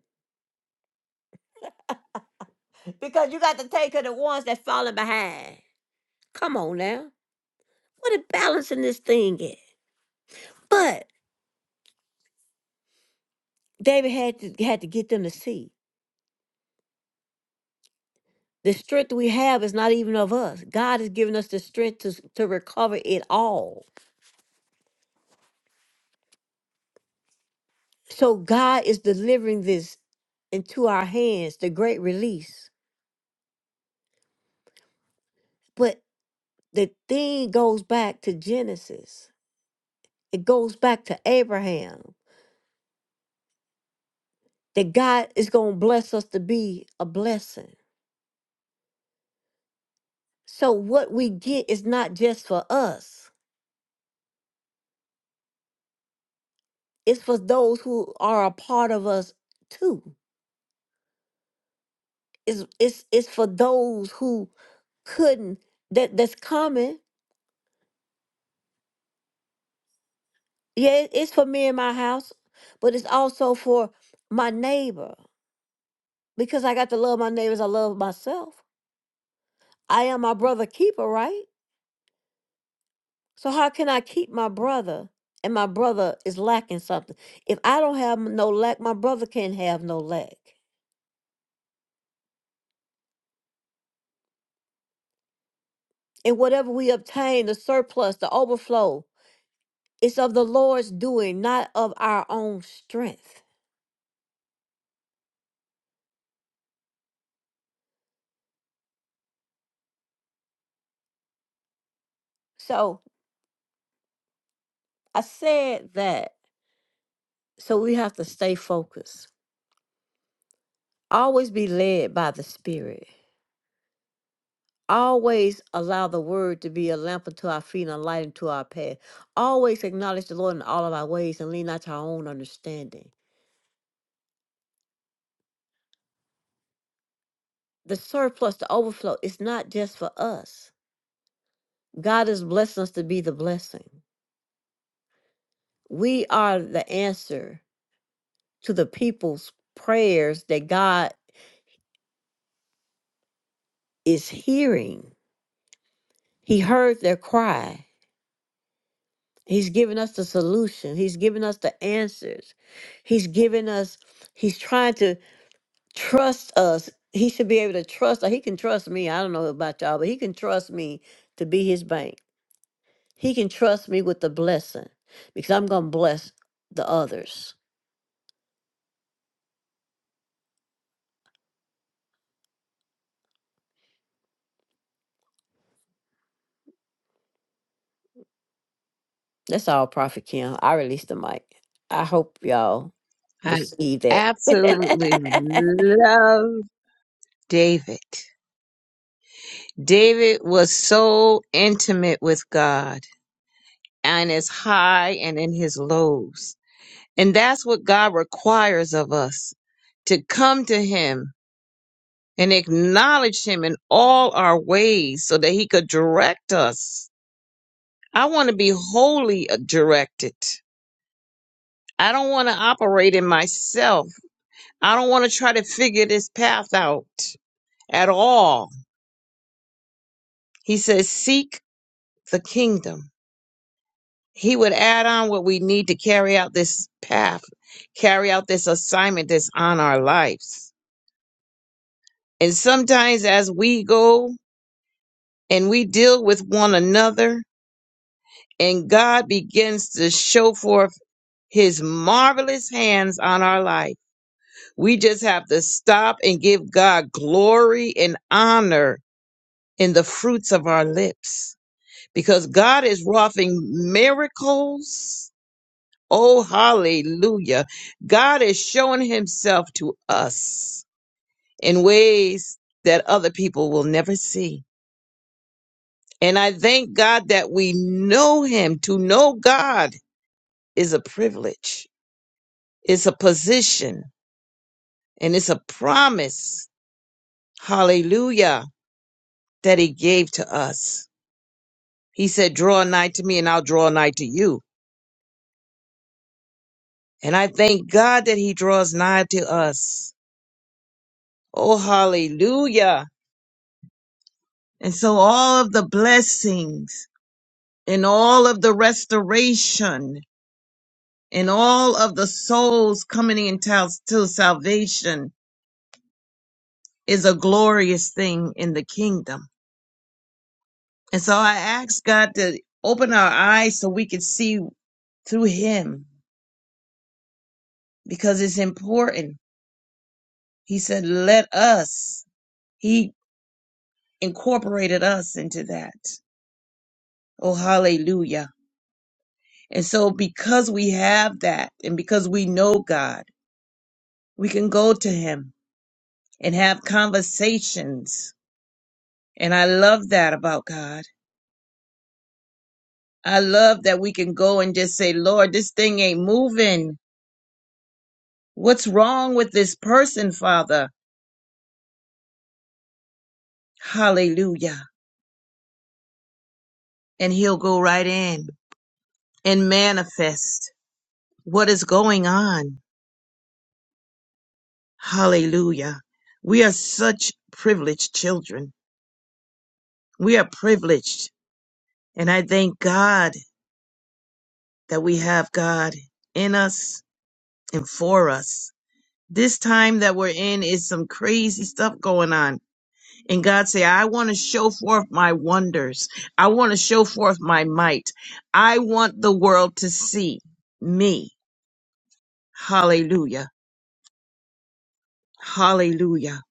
Speaker 3: Because you got to take care of the ones that falling behind. Come on now. What a balance in this thing is. But David had to had to get them to see. The strength we have is not even of us. God has given us the strength to, to recover it all. So God is delivering this into our hands, the great release. But the thing goes back to Genesis, it goes back to Abraham that God is going to bless us to be a blessing. So what we get is not just for us, it's for those who are a part of us too. It's it's it's for those who couldn't that that's coming. Yeah, it- it's for me and my house, but it's also for my neighbor because I got to love my neighbors. I love myself. I am my brother keeper, right? So how can I keep my brother? And my brother is lacking something. If I don't have no lack, my brother can't have no lack. And whatever we obtain, the surplus, the overflow, it's of the Lord's doing, not of our own strength. So I said that so we have to stay focused. Always be led by the Spirit. Always allow the Word to be a lamp unto our feet and a light unto our path. Always acknowledge the Lord in all of our ways and lean not to our own understanding. The surplus, the overflow, is not just for us. God is blessing us to be the blessing. We are the answer to the people's prayers that God is hearing. He heard their cry He's given us the solution. He's given us the answers. He's given us, he's trying to trust us. He should be able to trust. like, He can trust me. I don't know about y'all, but he can trust me to be his bank. He can trust me with the blessing because I'm going to bless the others. That's all, Prophet Kim. I released the mic. I hope y'all
Speaker 1: I
Speaker 3: receive that.
Speaker 1: absolutely love David. David was so intimate with God and his high and in his lows. And that's what God requires of us to come to him and acknowledge him in all our ways so that he could direct us. I want to be wholly uh, directed. I don't want to operate in myself. I don't want to try to figure this path out at all. He says, Seek the kingdom. He would add on what we need to carry out this path, carry out this assignment that's on our lives. And sometimes as we go and we deal with one another, and God begins to show forth his marvelous hands on our life. We just have to stop and give God glory and honor in the fruits of our lips because God is wroughing miracles. Oh, hallelujah. God is showing himself to us in ways that other people will never see. And I thank God that we know him. To know God is a privilege. It's a position and it's a promise hallelujah, that he gave to us. He said, draw nigh to me and I'll draw nigh to you. And I thank God that he draws nigh to us. Oh, hallelujah. And so all of the blessings and all of the restoration and all of the souls coming into to salvation is a glorious thing in the kingdom. And so I ask God to open our eyes so we can see through him because it's important He said, let us. He incorporated us into that. Oh, hallelujah. And so because we have that and because we know God, we can go to him and have conversations. And I love that about God. I love that we can go and just say, Lord, this thing ain't moving. What's wrong with this person, Father? Hallelujah. And he'll go right in and manifest what is going on. Hallelujah. We are such privileged children. We are privileged. And I thank God that we have God in us and for us. This time that we're in is some crazy stuff going on. And God say, I want to show forth my wonders. I want to show forth my might. I want the world to see me. Hallelujah. Hallelujah.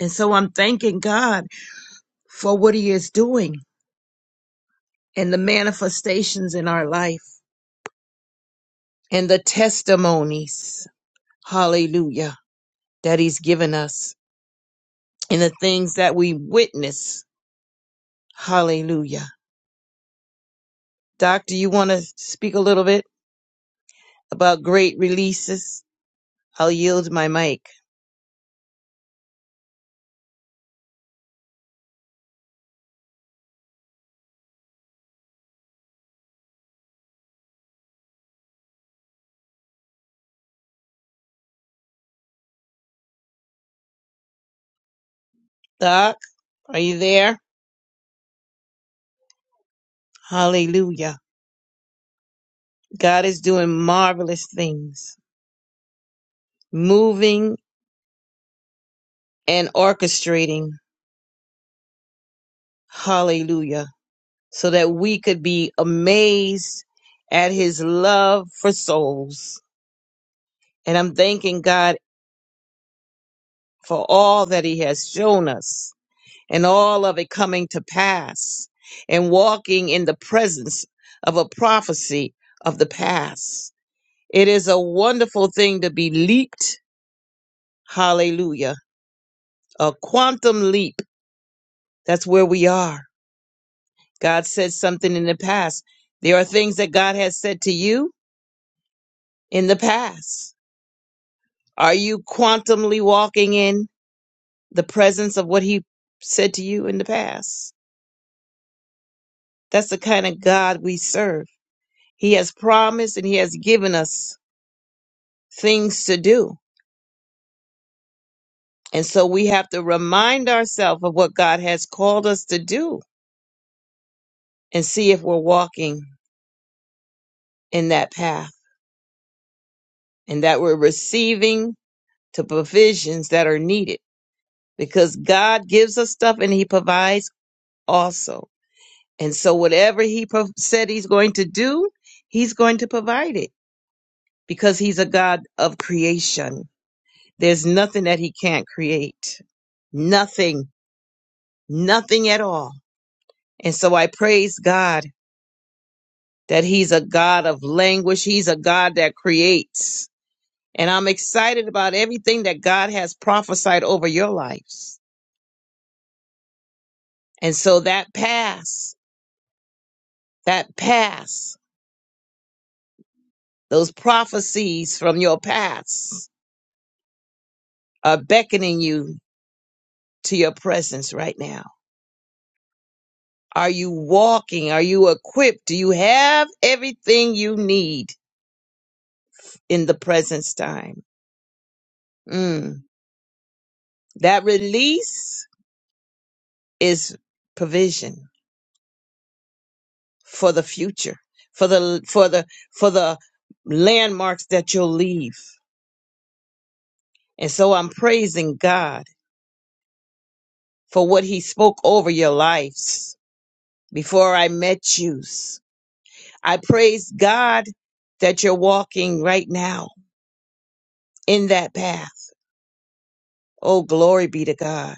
Speaker 1: And so I'm thanking God for what he is doing. and the manifestations in our life and the testimonies, hallelujah, that he's given us and the things that we witness, hallelujah. Doctor, you want to speak a little bit about great releases? I'll yield my mic. Doc, are you there? Hallelujah. God is doing marvelous things, moving and orchestrating. Hallelujah so that we could be amazed at his love for souls. And I'm thanking God for all that he has shown us and all of it coming to pass and walking in the presence of a prophecy of the past. It is a wonderful thing to be leaped. Hallelujah. A quantum leap. That's where we are. God said something in the past. There are things that God has said to you in the past Are you quantumly walking in the presence of what he said to you in the past? That's the kind of God we serve. He has promised and he has given us things to do. And so we have to remind ourselves of what God has called us to do and see if we're walking in that path and that we're receiving the provisions that are needed because God gives us stuff and he provides also. And so, whatever he pro- said he's going to do, he's going to provide it because he's a God of creation. There's nothing that he can't create, nothing, nothing at all. And so, I praise God that he's a God of language, he's a God that creates. And I'm excited about everything that God has prophesied over your lives. And so, that past, that past, those prophecies from your past are beckoning you to your presence right now. Are you walking? Are you equipped? Do you have everything you need in the presence time? Mm. That release is provision for the future, for the for the for the landmarks that you'll leave. And so I'm praising God for what he spoke over your lives before I met you. I praise God that you're walking right now in that path. Oh, glory be to God.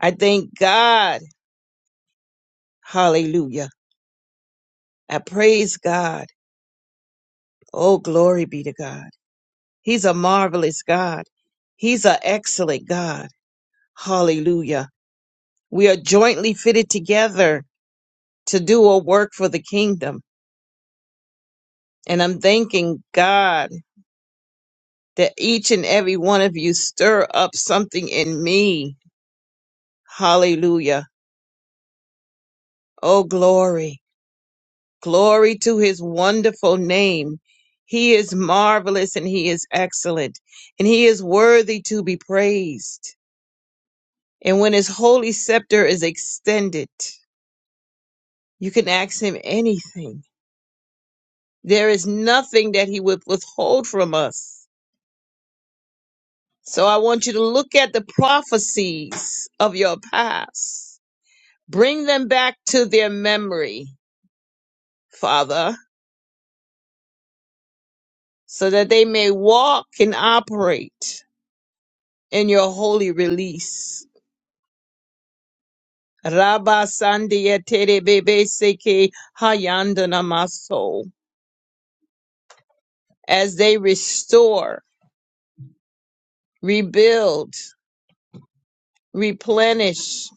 Speaker 1: I thank God. Hallelujah. I praise God. Oh, glory be to God. He's a marvelous God. He's an excellent God. Hallelujah. We are jointly fitted together to do a work for the kingdom. And I'm thanking God that each and every one of you stir up something in me. Hallelujah. Oh, glory. Glory to his wonderful name. He is marvelous and he is excellent and he is worthy to be praised. And when his holy scepter is extended, you can ask him anything. There is nothing that he would withhold from us. So I want you to look at the prophecies of your past. Bring them back to their memory, Father, so that they may walk and operate in your holy release. Rabba Sandia Terebebeseke Hayandana Maso. As they restore, rebuild, replenish,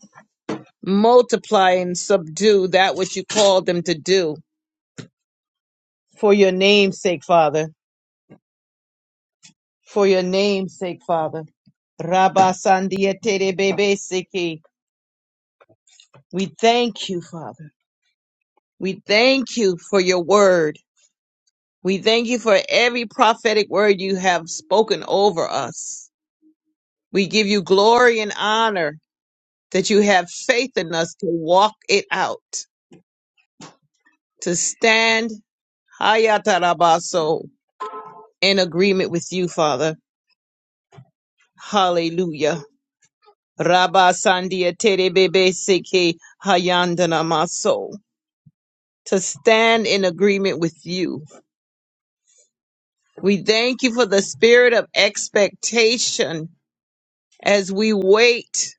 Speaker 1: multiply, and subdue that which you called them to do. For your name's sake, Father. For your name's sake, Father. Rabba Sandia Terebebeseke. We thank you, Father. We thank you for your word. We thank you for every prophetic word you have spoken over us. We give you glory and honor that you have faith in us to walk it out, to stand hayatarabaso in agreement with you, Father. Hallelujah. Rabba Sandia Terebebe Seke Hayandana Maso. To stand in agreement with you. We thank you for the spirit of expectation as we wait.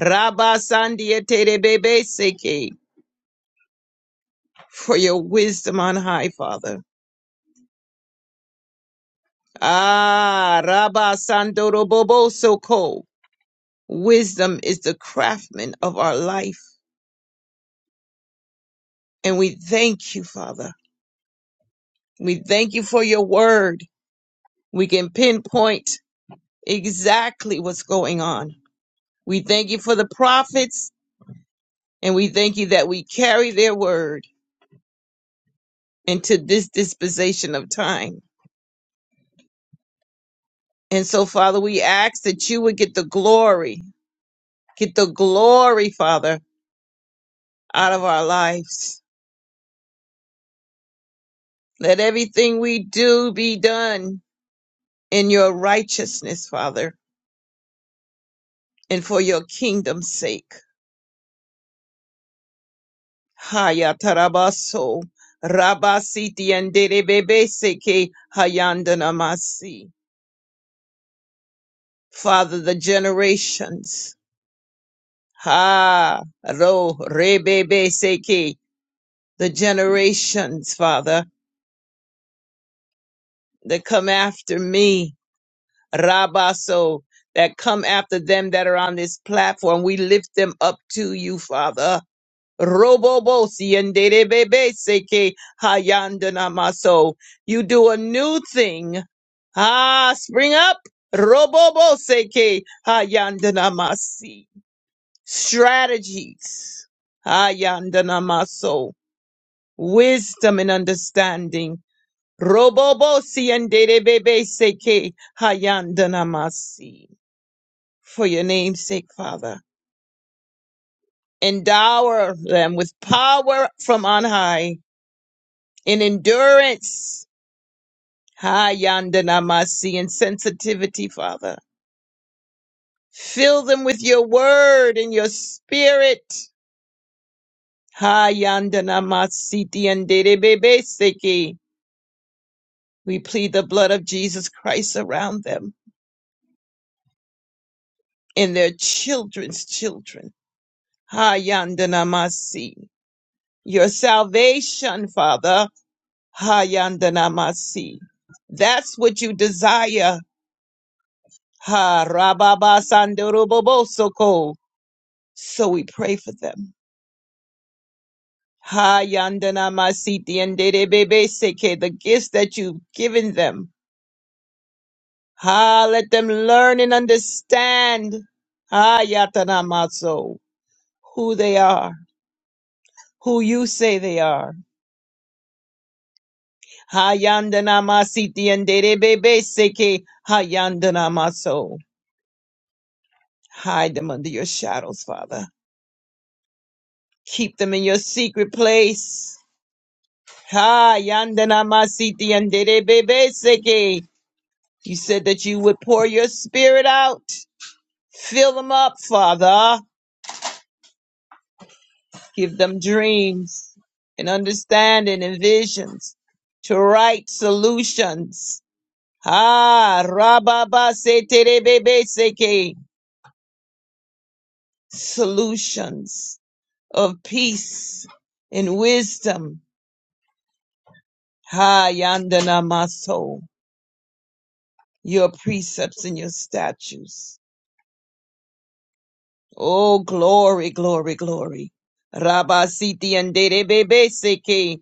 Speaker 1: Rabba Sandia Terebebe Seke for your wisdom on high, Father Ah, Rabba Sandoro Bobo Soko. Wisdom is the craftsman of our life. And we thank you, Father. We thank you for your word. We can pinpoint exactly what's going on. We thank you for the prophets and we thank you that we carry their word into this dispensation of time. And so, Father, we ask that you would get the glory, get the glory, Father, out of our lives Let everything we do be done in your righteousness, Father, and for your kingdom's sake. Haya tarabaso, rabasiti anderebebeseke hayandanamasi. Father, the generations. Ha, ro, rebebeseke. The generations, Father, that come after me. Rabaso, that come after them that are on this platform. We lift them up to you, Father. Robobo siendere bebe seke hayandana maso. You do a new thing. Ah, spring up. Robobo seke hayandana masi. Strategies. Hayandana maso. Wisdom and understanding. Robobo siendere bebe seke hayandana masi. For your name's sake, Father. Endow them with power from on high in endurance, ha yandanamasi, in sensitivity, Father. Fill them with your word and your spirit. Ha yandanamasi tiandedebebeseki. We plead the blood of Jesus Christ around them and their children's children. Ha yandanamasi. Your salvation, Father. Ha yandanamasi. That's what you desire. Ha rababa sandorobobosoko. So we pray for them. Ha yandana masiti and bebe seke, the gifts that you've given them. Ha, let them learn and understand. Ha yatana maso, who they are, who you say they are. Ha yandana masiti and bebe seke, ha yandana maso. Hide them under your shadows, Father. Keep them in your secret place. Ha yandana masiti and bebe seke. You said that you would pour your spirit out. Fill them up, Father. Give them dreams and understanding and visions to right solutions. Ah, rababa se terebebe seke. Solutions of peace and wisdom. Ha, yandana maso. Your precepts and your statutes. Oh, glory, glory, glory. Rabasiti and derebebe, Derebebeseke.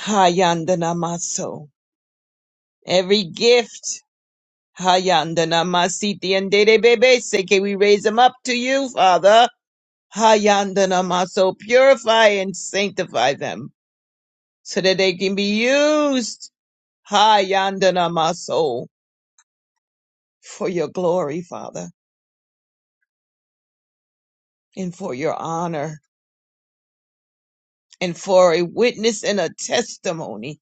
Speaker 1: Hayandana maso. Every gift. Hayandana masiti and derebebe, Derebebeseke. We raise them up to you, Father. Hayandana maso. Purify and sanctify them so that they can be used. Hayandana maso. For your glory, Father, and for your honor, and for a witness and a testimony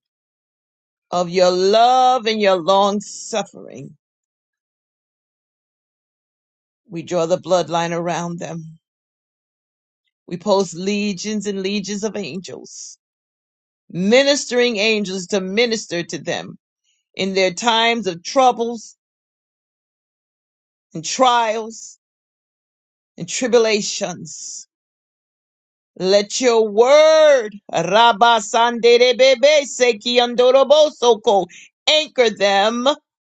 Speaker 1: Of your love and your long suffering, we draw the bloodline around them. We post legions and legions of angels, ministering angels to minister to them in their times of troubles and trials and tribulations. Let your word, Rabba Sanderebebe Seki Andorobosoko, anchor them.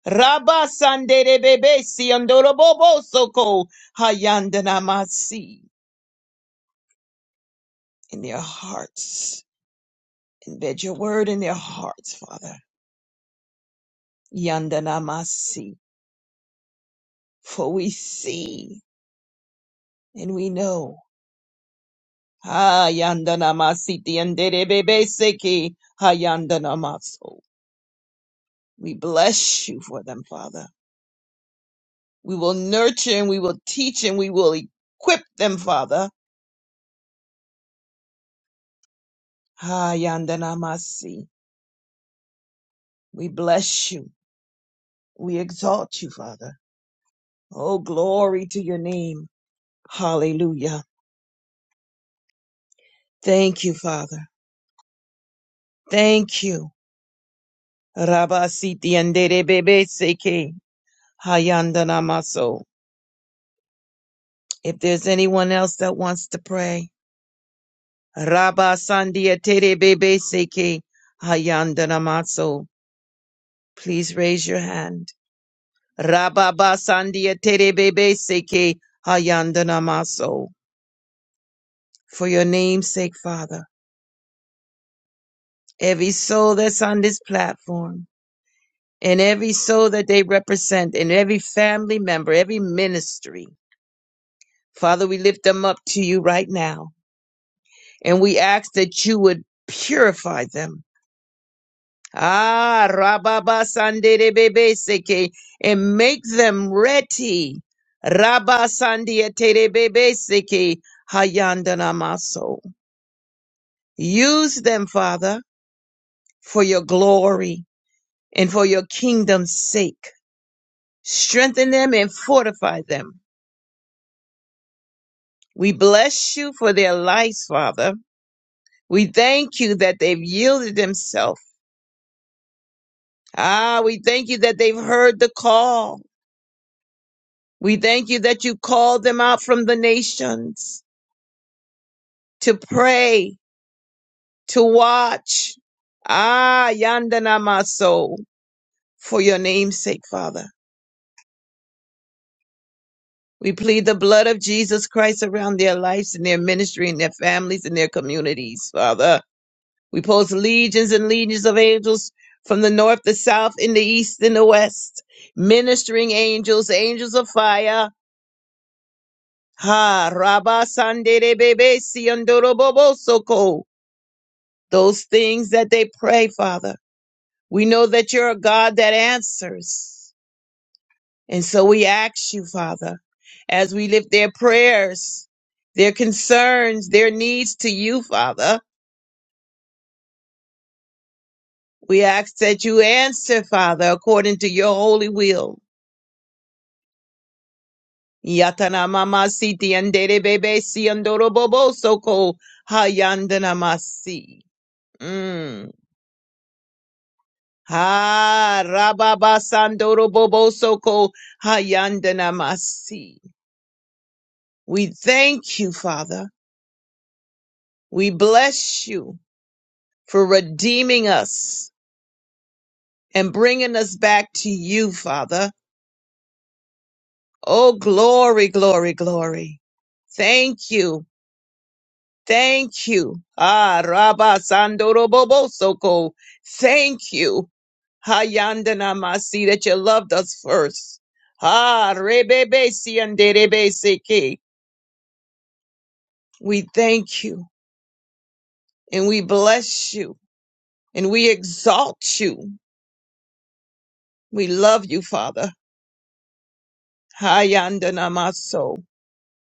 Speaker 1: Rabba Sanderebebe Si Andorobosoko, Hayandanamasi. in their hearts. Embed your word in their hearts, Father. Yandanamasi. For we see and we know. Ah, yandanamasi tianderebebeseki. Ah, yandanamaso. We bless you for them, Father. We will nurture and we will teach and we will equip them, Father. Ah, yandanamasi. We bless you. We exalt you, Father. Oh, glory to your name. Hallelujah. Thank you, Father. Thank you. Rabasiti andere bebe seke hayandana maso. If there's anyone else that wants to pray, Rabasandia tere bebe seke hayandana maso. Please raise your hand. Rababasandia tere bebe seke hayandana maso. For your name's sake, Father, every soul that's on this platform and every soul that they represent and every family member, every ministry, Father, we lift them up to you right now, and we ask that you would purify them. Ah, Rababa Sandebebe Seke, and make them ready. Rabba Sandebebe Seke, Hayandanamaso. Use them, Father, for your glory and for your kingdom's sake. Strengthen them and fortify them. We bless you for their lives, Father. We thank you that they've yielded themselves Ah, we thank you that they've heard the call. We thank you that you called them out from the nations to pray, to watch. Ah, Yandana Maso, for your name's sake, Father. We plead the blood of Jesus Christ around their lives and their ministry and their families and their communities, Father. We post legions and legions of angels from the north, the south, in the east, and the west. Ministering angels, angels of fire Ha Rabasandere Bebe Siandorobobosoko. Those things that they pray, Father. We know that you're a God that answers. And so we ask you, Father, as we lift their prayers, their concerns, their needs to you, Father. We ask that you answer, Father, according to your holy will. Yatana mama siti andere bebe siandoro bobo soko hayandana masi. Ha Rababa Sandoro Bobosoko Hayandana We thank you, Father. We bless you for redeeming us and bringing us back to you, Father. Oh, glory, glory, glory. Thank you. Thank you. Ah, Rabba Sandoro Bobosoko. Thank you. Hayandana Masi that you loved us first. Ah, Rebebe Sianderebe Seke. We thank you and we bless you and we exalt you. We love you, Father. Hayanda namaso.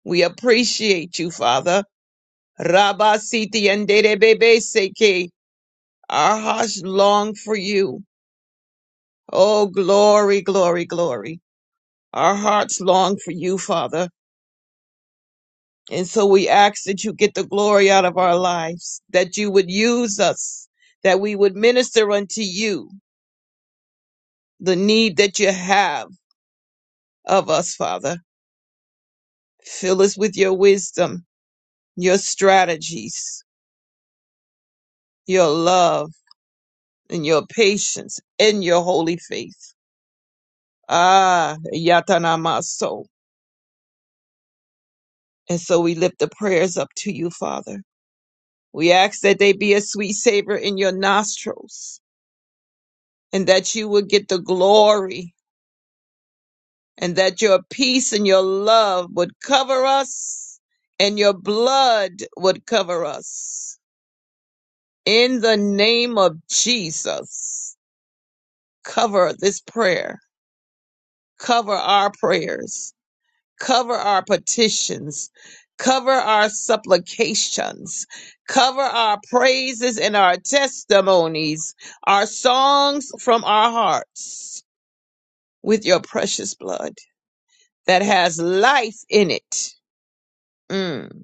Speaker 1: We appreciate you, Father. Rabba siti yandere bebe seke. Our hearts long for you. Oh, glory, glory, glory. Our hearts long for you, Father. And so we ask that you get the glory out of our lives, that you would use us, that we would minister unto you the need that you have of us, Father. Fill us with your wisdom, your strategies, your love, and your patience, and your holy faith. Ah, Yatanamaso. And so we lift the prayers up to you, Father. We ask that they be a sweet savor in your nostrils, and that you would get the glory, and that your peace and your love would cover us, and your blood would cover us. In the name of Jesus. cover this prayer, cover our prayers, cover our petitions, cover our supplications, cover our praises and our testimonies, our songs from our hearts with your precious blood that has life in it. Mm.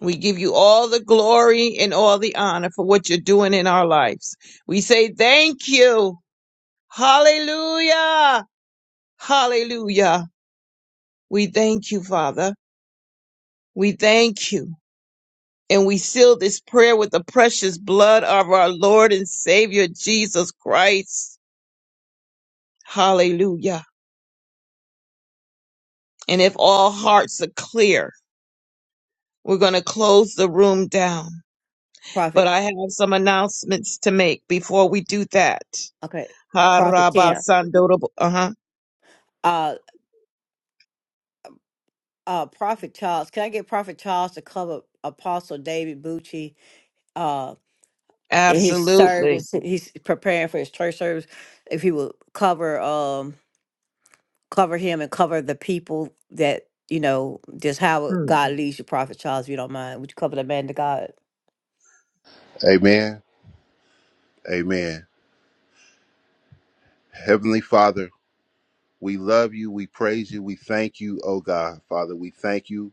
Speaker 1: We give you all the glory and all the honor for what you're doing in our lives. We say thank you. Hallelujah. Hallelujah. We thank you, Father. We thank you. And we seal this prayer with the precious blood of our Lord and Savior Jesus Christ. Hallelujah. And if all hearts are clear, we're going to close the room down. But
Speaker 3: Prophet.
Speaker 1: I have some announcements to make before we do that.
Speaker 3: Okay.
Speaker 1: Ha
Speaker 3: Prophet
Speaker 1: rabba
Speaker 3: Kim.
Speaker 1: sandorobo- Uh-huh.
Speaker 3: Uh uh Prophet Charles. Can I get Prophet Charles to cover Apostle David Bucci uh in his
Speaker 1: Absolutely.
Speaker 3: service? He's preparing for his church service. If he will cover um cover him and cover the people that you know, just how
Speaker 1: Hmm.
Speaker 3: God leads you, Prophet Charles, if you don't mind. Would you cover the man to God?
Speaker 4: Amen. Amen. Heavenly Father, we love you, we praise you, we thank you, oh God. Father, we thank you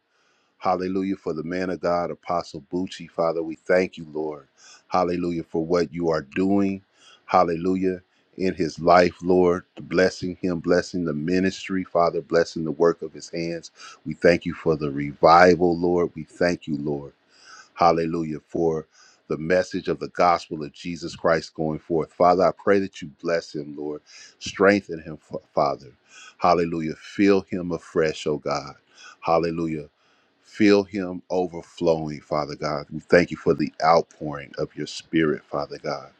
Speaker 4: Hallelujah for the man of God, Apostle Bucci. Father, we thank you, Lord. Hallelujah for what you are doing. Hallelujah in his life, Lord. Blessing him, blessing the ministry, Father, blessing the work of his hands. We thank you for the revival, Lord. We thank you, Lord. Hallelujah. For the message of the gospel of Jesus Christ going forth. Father, I pray that you bless him, Lord. Strengthen him, Fa- Father. Hallelujah. Fill him afresh, oh God. Hallelujah. Fill him overflowing, Father God. We thank you for the outpouring of your spirit, Father God.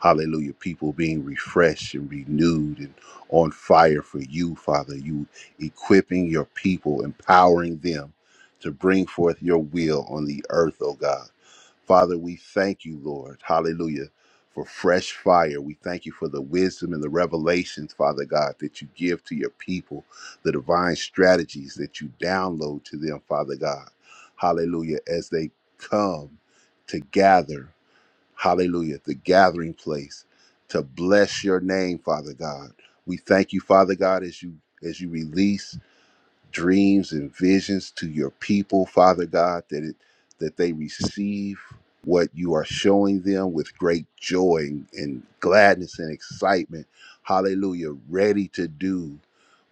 Speaker 4: Hallelujah. People being refreshed and renewed and on fire for you, Father. You equipping your people, empowering them to bring forth your will on the earth, O God. Father, we thank you, Lord. Hallelujah. For fresh fire. We thank you for the wisdom and the revelations, Father God, that you give to your people, the divine strategies that you download to them, Father God. Hallelujah. As they come to gather, hallelujah, the gathering place to bless your name, Father God. We thank you, Father God, as you as you release dreams and visions to your people, Father God, that it that they receive what you are showing them with great joy and, and gladness and excitement. Hallelujah. Ready to do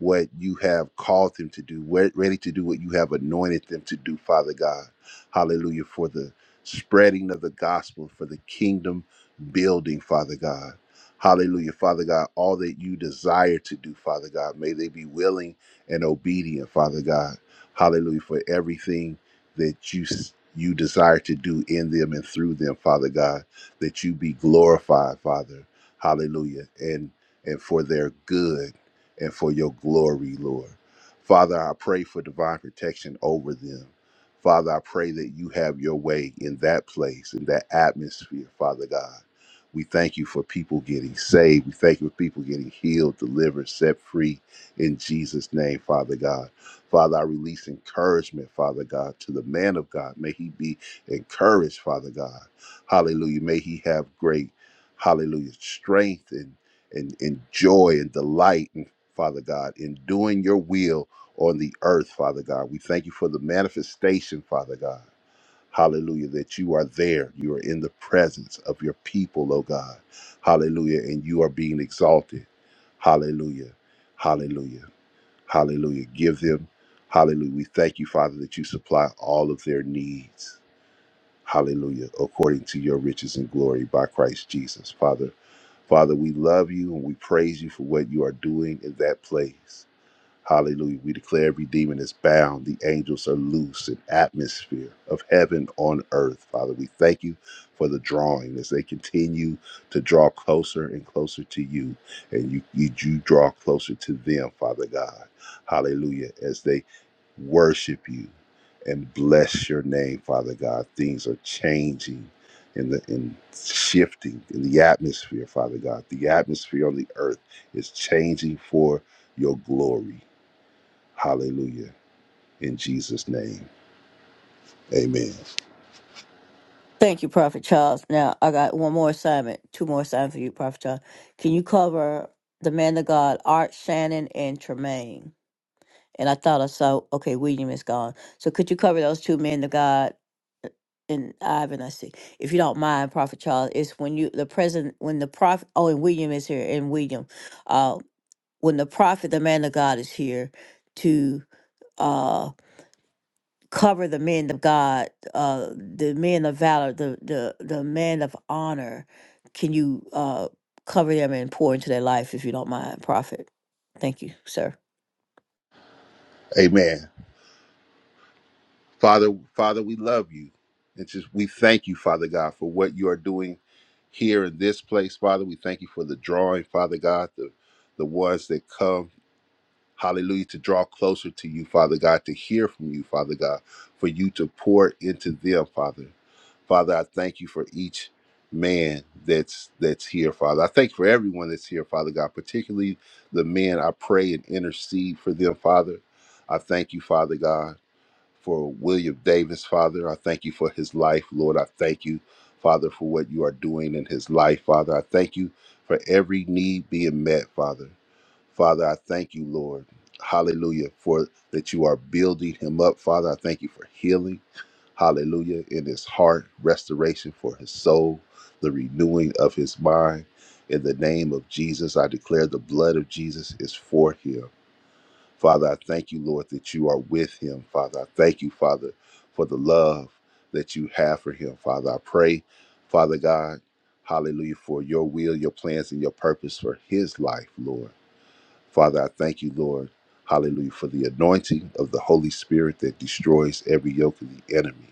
Speaker 4: what you have called them to do, we- ready to do what you have anointed them to do, Father God. Hallelujah. For the spreading of the gospel, for the kingdom building, Father God. Hallelujah. Father God, all that you desire to do, Father God, may they be willing and obedient, Father God. Hallelujah for everything that you you desire to do in them and through them, Father God, that you be glorified, Father. Hallelujah. And and for their good and for your glory, Lord. Father, I pray for divine protection over them. Father, I pray that you have your way in that place, in that atmosphere, Father God. We thank you for people getting saved. We thank you for people getting healed, delivered, set free, in Jesus' name, Father God. Father, I release encouragement, Father God, to the man of God. May he be encouraged, Father God. Hallelujah. May he have great, hallelujah, strength and, and, and joy and delight, and, Father God, in doing your will on the earth, Father God. We thank you for the manifestation, Father God. Hallelujah, that you are there. You are in the presence of your people, oh God. Hallelujah, and you are being exalted. Hallelujah. Hallelujah. Hallelujah. Give them. Hallelujah. We thank you, Father, that you supply all of their needs. Hallelujah. According to your riches and glory by Christ Jesus. Father, Father, we love you and we praise you for what you are doing in that place. Hallelujah. We declare every demon is bound. The angels are loose in atmosphere of heaven on earth. Father, we thank you for the drawing as they continue to draw closer and closer to you. And you, you, you draw closer to them, Father God. Hallelujah. As they worship you and bless your name, Father God. Things are changing in the in shifting in the atmosphere, Father God. The atmosphere on the earth is changing for your glory. Hallelujah. In Jesus' name. Amen.
Speaker 3: Thank you, Prophet Charles. Now I got one more assignment, two more assignments for you, Prophet Charles. Can you cover the man of God, Art Shannon and Tremaine? And I thought I saw, okay, William is gone. So could you cover those two men to God uh, and Ivan? I see. If you don't mind, Prophet Charles, it's when you the president when the prophet oh and William is here and William. Uh when the prophet, the man of God is here to uh cover the men of God, uh the men of valor, the the the men of honor. Can you uh cover them and pour into their life if you don't mind, Prophet? Thank you, sir.
Speaker 4: Amen. Father, Father, we love you. And just we thank you, Father God, for what you are doing here in this place, Father. We thank you for the drawing, Father God, the the ones that come. Hallelujah. To draw closer to you, Father God, to hear from you, Father God, for you to pour into them, Father. Father, I thank you for each man that's that's here, Father. I thank you for everyone that's here, Father God, particularly the men. I pray and intercede for them, Father. I thank you, Father God, for William Davis, Father. I thank you for his life, Lord. I thank you, Father, for what you are doing in his life, Father. I thank you for every need being met, Father. Father, I thank you, Lord. Hallelujah, for that you are building him up. Father, I thank you for healing. Hallelujah, in his heart, restoration for his soul, the renewing of his mind. In the name of Jesus, I declare the blood of Jesus is for him. Father, I thank you, Lord, that you are with him. Father, I thank you, Father, for the love that you have for him. Father, I pray, Father God, hallelujah, for your will, your plans, and your purpose for his life, Lord. Father, I thank you, Lord, hallelujah, for the anointing of the Holy Spirit that destroys every yoke of the enemy.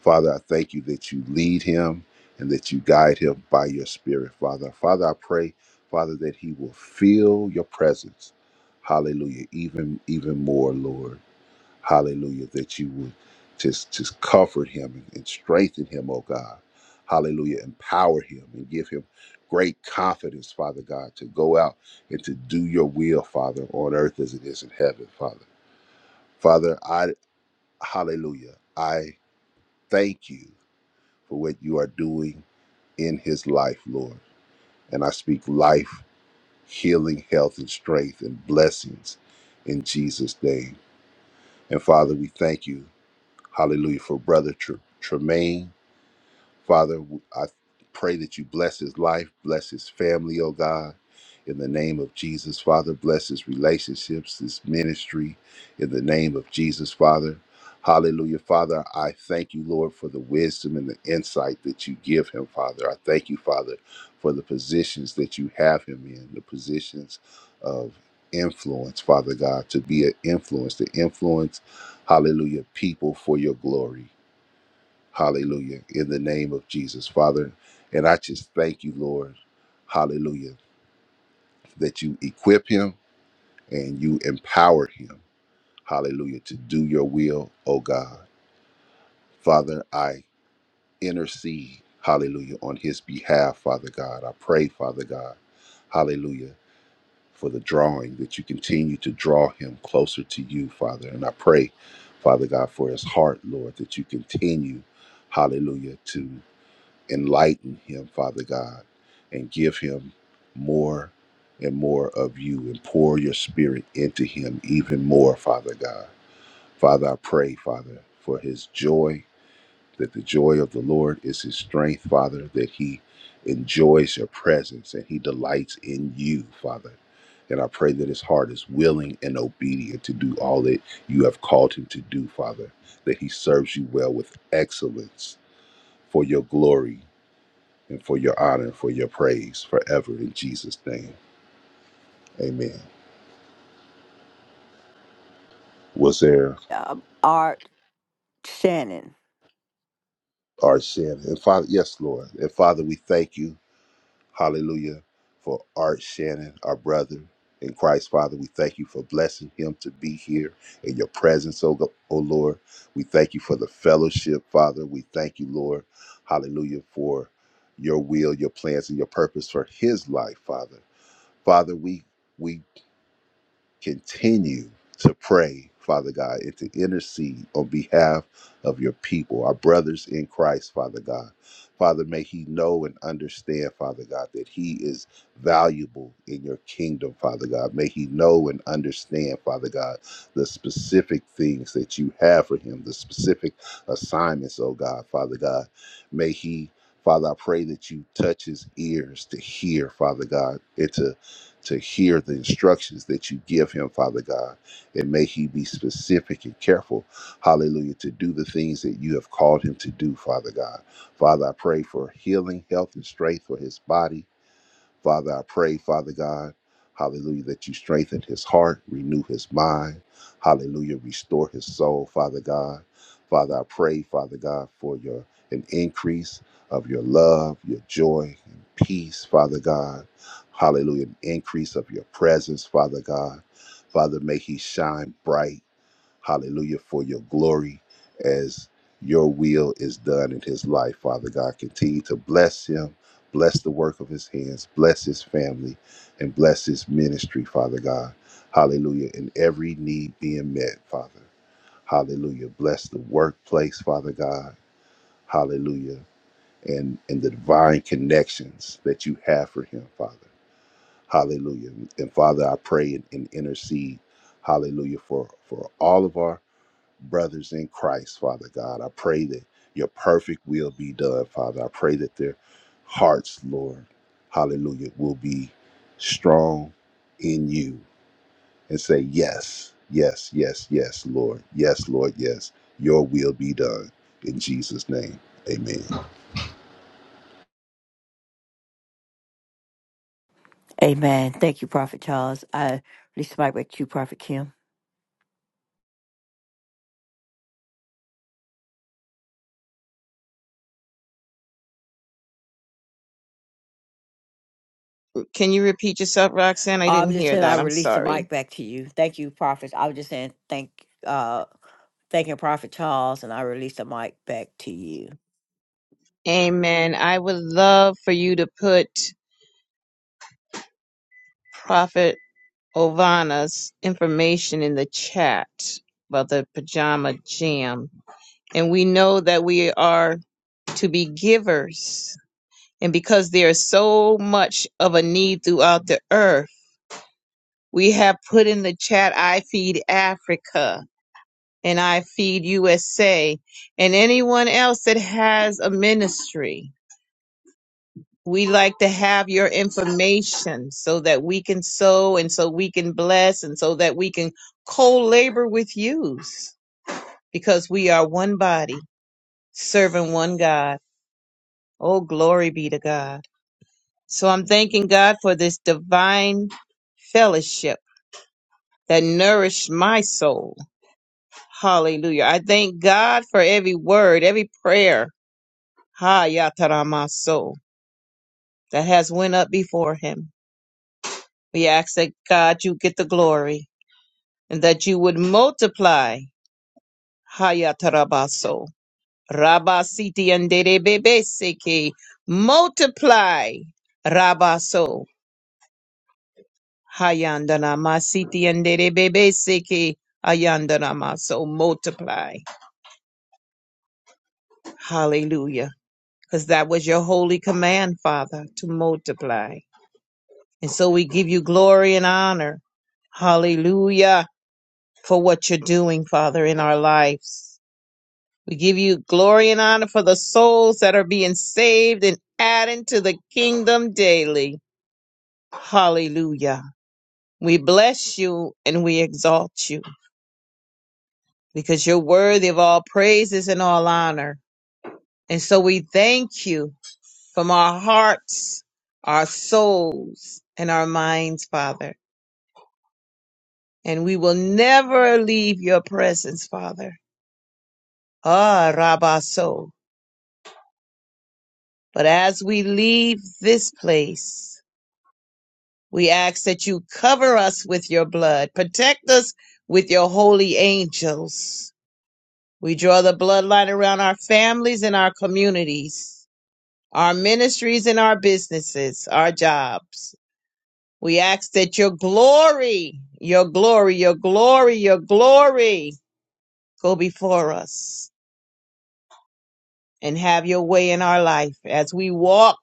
Speaker 4: Father, I thank you that you lead him and that you guide him by your spirit, Father. Father, I pray, Father, that he will feel your presence. Hallelujah, even even more, Lord. Hallelujah. That you would just just comfort him and, and strengthen him, oh God. Hallelujah. Empower him and give him great confidence, Father God, to go out and to do your will, Father, on earth as it is in heaven, Father. Father, I hallelujah. I thank you for what you are doing in his life, Lord. And I speak life, healing, health, and strength and blessings in Jesus' name. And Father, we thank you. Hallelujah. For Brother Tr- Tremaine. Father, I pray that you bless his life, bless his family, oh God. In the name of Jesus, Father, bless his relationships, his ministry. In the name of Jesus, Father. Hallelujah, Father. I thank you, Lord, for the wisdom and the insight that you give him, Father. I thank you, Father, for the positions that you have him in, the positions of influence, Father God, to be an influence, to influence, hallelujah, people for your glory. Hallelujah. In the name of Jesus, Father. And I just thank you, Lord. Hallelujah. That you equip him and you empower him. Hallelujah. To do your will, oh God. Father, I intercede. Hallelujah. On his behalf, Father God. I pray, Father God. Hallelujah. For the drawing, that you continue to draw him closer to you, Father. And I pray, Father God, for his heart, Lord, that you continue, hallelujah, to enlighten him, Father God, and give him more and more of you and pour your spirit into him even more, Father God. Father, I pray, Father, for his joy, that the joy of the Lord is his strength, Father, that he enjoys your presence and he delights in you, Father. And I pray that his heart is willing and obedient to do all that you have called him to do, Father, that he serves you well with excellence for your glory and for your honor and for your praise forever in Jesus' name. Amen. Was there
Speaker 3: Um, Art Shannon.
Speaker 4: Art Shannon? And Father, yes, Lord. And Father, we thank you, hallelujah, for Art Shannon, our brother in Christ. Father, we thank you for blessing him to be here in your presence, oh, Go- oh Lord. We thank you for the fellowship, Father. We thank you, Lord, hallelujah, for your will, your plans, and your purpose for his life, Father. Father, we we continue to pray, Father God, and to intercede on behalf of your people, our brothers in Christ, Father God. Father, may he know and understand, Father God, that he is valuable in your kingdom, Father God. May he know and understand, Father God, the specific things that you have for him, the specific assignments, oh God, Father God. May he Father, I pray that you touch his ears to hear, Father God, and to to hear the instructions that you give him, Father God. And may he be specific and careful, hallelujah, to do the things that you have called him to do, Father God. Father, I pray for healing, health, and strength for his body. Father, I pray, Father God, hallelujah, that you strengthen his heart, renew his mind, hallelujah, restore his soul, Father God. Father, I pray, Father God, for your an increase of your love, your joy, and peace, Father God. Hallelujah, an increase of your presence, Father God. Father, may he shine bright hallelujah, for your glory as your will is done in his life, Father God. Continue to bless him, bless the work of his hands, bless his family, and bless his ministry, Father God. Hallelujah. And every need being met, Father. Hallelujah. Bless the workplace, Father God. Hallelujah. And, and the divine connections that you have for him, Father. Hallelujah. And Father, I pray and, and intercede, hallelujah, for, for all of our brothers in Christ, Father God. I pray that your perfect will be done, Father. I pray that their hearts, Lord, hallelujah, will be strong in you and say, Yes, yes, yes, yes, Lord. Yes, Lord, yes. Your will be done. In Jesus' name, amen.
Speaker 3: Amen. Thank you, Prophet Charles. I release the mic back to you, Prophet Kim.
Speaker 1: Can you repeat yourself, Roxanne? I
Speaker 3: I
Speaker 1: didn't
Speaker 3: was just
Speaker 1: hear
Speaker 3: saying I
Speaker 1: that. I'm
Speaker 3: release the
Speaker 1: sorry.
Speaker 3: mic back to you. Thank you, Prophet. I was just saying thank uh thanking Prophet Charles and I release the mic back to you.
Speaker 1: Amen. I would love for you to put Prophet Ovana's information in the chat about the pajama jam. And we know that we are to be givers. And because there is so much of a need throughout the earth, we have put in the chat I feed Africa and I feed USA and anyone else that has a ministry. We like to have your information so that we can sow and so we can bless and so that we can co labor with you because we are one body serving one God. Oh, glory be to God. So I'm thanking God for this divine fellowship that nourished my soul. Hallelujah. I thank God for every word, every prayer. Ha yatarama soul that has went up before him. We ask that God you get the glory and that you would multiply Hayatarabaso Rabasiti and Derebebeseke multiply Rabaso Hayandana Masiti and Derebebeseke Ayandana Maso multiply. Hallelujah. Because that was your holy command, Father, to multiply. And so we give you glory and honor. Hallelujah for what you're doing, Father, in our lives. We give you glory and honor for the souls that are being saved and added to the kingdom daily. Hallelujah. We bless you and we exalt you because you're worthy of all praises and all honor. And so we thank you from our hearts, our souls, and our minds, Father. And we will never leave your presence, Father. Ah, Rabaso. But as we leave this place, We ask that you cover us with your blood, protect us with your holy angels. We draw the bloodline around our families and our communities, our ministries and our businesses, our jobs. We ask that your glory, your glory, your glory, your glory go before us and have your way in our life as we walk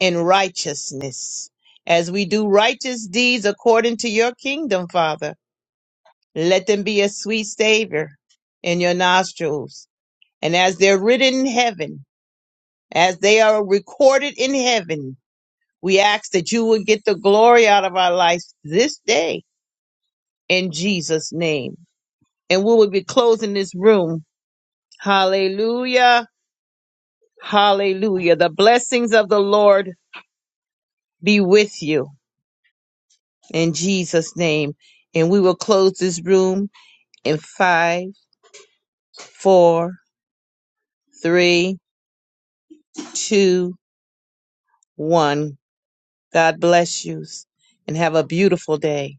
Speaker 1: in righteousness, as we do righteous deeds according to your kingdom, Father. Let them be a sweet savor in your nostrils. And as they're written in heaven, as they are recorded in heaven, we ask that you would get the glory out of our lives this day in Jesus' name. And we will be closing this room. Hallelujah. Hallelujah. The blessings of the Lord be with you in Jesus' name. And we will close this room in five, four, three, two, one. God bless you and have a beautiful day.